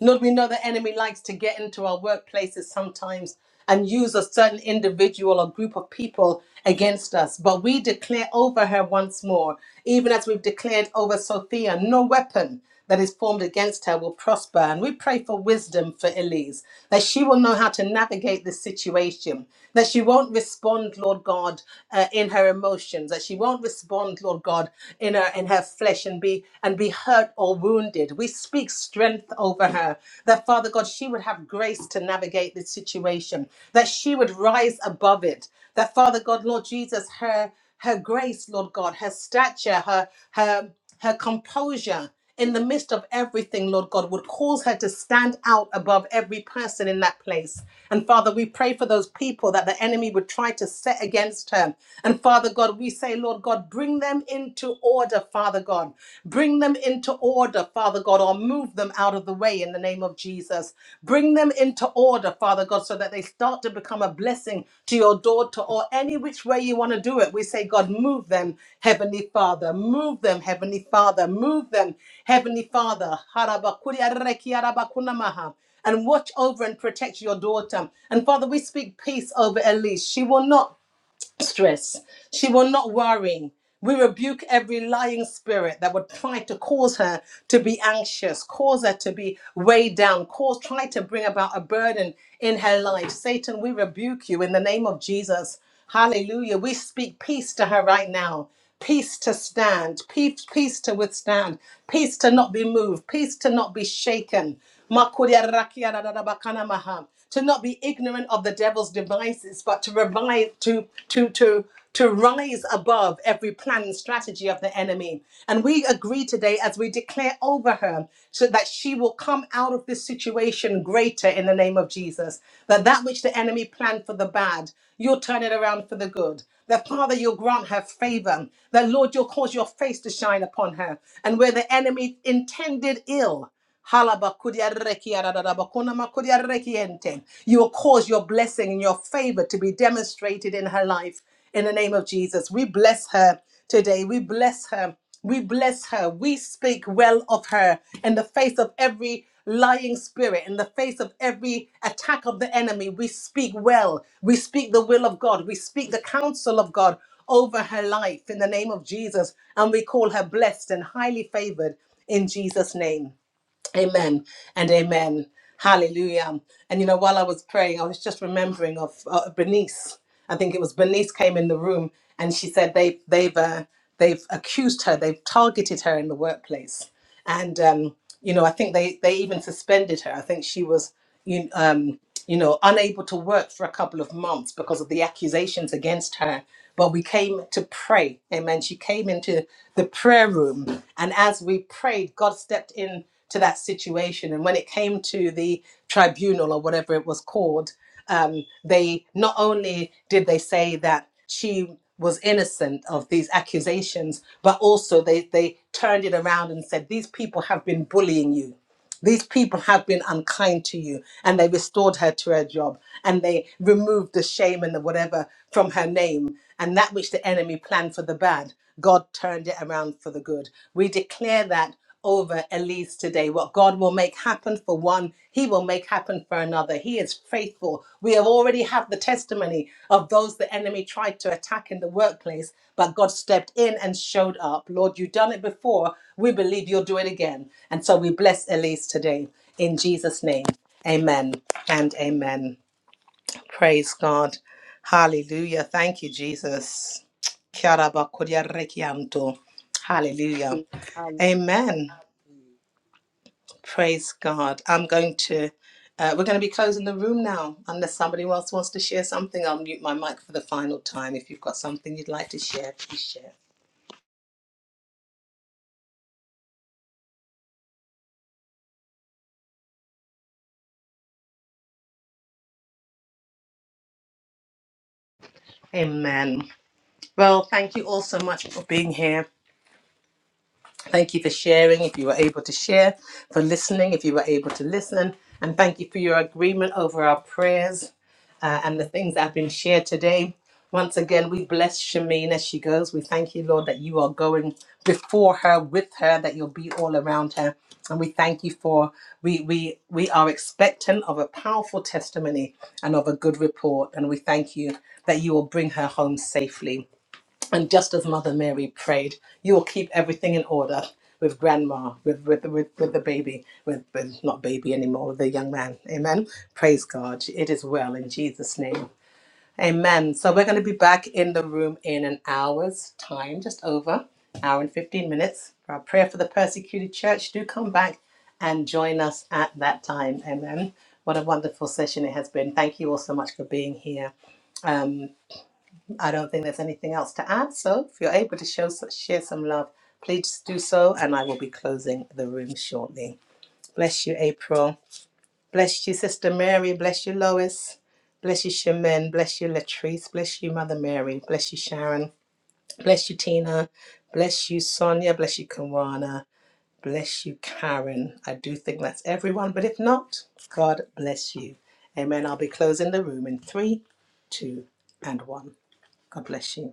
Speaker 1: Lord, we know the enemy likes to get into our workplaces sometimes and use a certain individual or group of people against us. But we declare over her once more, even as we've declared over Sophia, no weapon that is formed against her will prosper. And we pray for wisdom for Elise, that she will know how to navigate this situation, that she won't respond, Lord God, uh, in her emotions, that she won't respond, Lord God, in her in her flesh flesh and be and be hurt or wounded. We speak strength over her. That Father God, she would have grace to navigate this situation. That she would rise above it. That Father God, Lord Jesus, her her grace, Lord God, her stature, her her her composure in the midst of everything, Lord God, would cause her to stand out above every person in that place. And Father, we pray for those people that the enemy would try to set against her. And Father God, we say, Lord God, bring them into order, Father God. Bring them into order, Father God, or move them out of the way in the name of Jesus. Bring them them into order, Father God, so that they start to become a blessing to your daughter or any which way you want to do it. We say, God, move them, Heavenly Father. Move them, Heavenly Father. Move them, Heavenly Father. Harabakuri arreki arabakunamaha. And watch over and protect your daughter. And Father, we speak peace over Elise. She will not stress. She will not worry. We rebuke every lying spirit that would try to cause her to be anxious, cause her to be weighed down, cause try to bring about a burden in her life. Satan, we rebuke you in the name of Jesus. Hallelujah. We speak peace to her right now. Peace to stand, peace, peace to withstand, peace to not be moved, peace to not be shaken. Makuria rakia da da da bakana maha to not be ignorant of the devil's devices, but to revive, to to to to rise above every plan and strategy of the enemy. And we agree today as we declare over her so that she will come out of this situation greater in the name of Jesus. That that which the enemy planned for the bad, you'll turn it around for the good. That Father, you'll grant her favor. That Lord, you'll cause your face to shine upon her. And where the enemy intended ill, Halabakudiarekiadadabakunamakudiarekiente. You will cause your blessing and your favor to be demonstrated in her life in the name of Jesus. We bless her today. We bless her. We bless her. We speak well of her in the face of every lying spirit, in the face of every attack of the enemy. We speak well. We speak the will of God. We speak the counsel of God over her life in the name of Jesus. And we call her blessed and highly favored in Jesus' name. Amen and amen. Hallelujah. And you know, while I was praying, I was just remembering of uh, Bernice. I think it was Bernice came in the room and she said they they've uh, they've accused her, they've targeted her in the workplace and um, you know, I think they they even suspended her. I think she was you um, you know unable to work for a couple of months because of the accusations against her. But we came to pray, amen. She came into the prayer room, and as we prayed, God stepped in to that situation. And when it came to the tribunal or whatever it was called, um, they not only did they say that she was innocent of these accusations, but also they they turned it around and said these people have been bullying you. These people have been unkind to you, and they restored her to her job, and they removed the shame and the whatever from her name, and that which the enemy planned for the bad, God turned it around for the good. We declare that over Elise today. What God will make happen for one, He will make happen for another. He is faithful. We have already have the testimony of those the enemy tried to attack in the workplace, but God stepped in and showed up. Lord, you've done it before. We believe you'll do it again. And so we bless Elise today in Jesus' name. Amen and amen. Praise God. Hallelujah. Thank you, Jesus. Kia ora ba koria rekianto. Hallelujah. Amen. Praise God. I'm going to, uh, we're going to be closing the room now. Unless somebody else wants to share something, I'll mute my mic for the final time. If you've got something you'd like to share, please share. Amen. Well, thank you all so much for being here. Thank you for sharing, if you were able to share, for listening, if you were able to listen. And thank you for your agreement over our prayers. uh, and the things that have been shared today. Once again, we bless Shamin as she goes. We thank you, Lord, that you are going before her, with her, that you'll be all around her. And we thank you for we we we are expectant of a powerful testimony and of a good report. And we thank you that you will bring her home safely. And just as Mother Mary prayed, you will keep everything in order with grandma, with with with, with the baby, with, with not baby anymore, with the young man. Amen. Praise God. It is well in Jesus' name. Amen. So we're going to be back in the room in an hour's time, just over hour and fifteen minutes for our prayer for the persecuted church. Do come back and join us at that time. Amen. What a wonderful session it has been. Thank you all so much for being here. Um, I don't think there's anything else to add. So if you're able to show, share some love, please do so. And I will be closing the room shortly. Bless you, April. Bless you, Sister Mary. Bless you, Lois. Bless you, Shemin. Bless you, Latrice. Bless you, Mother Mary. Bless you, Sharon. Bless you, Tina. Bless you, Sonia. Bless you, Kawana. Bless you, Karen. I do think that's everyone. But if not, God bless you. Amen. I'll be closing the room in three, two, and one. God bless you.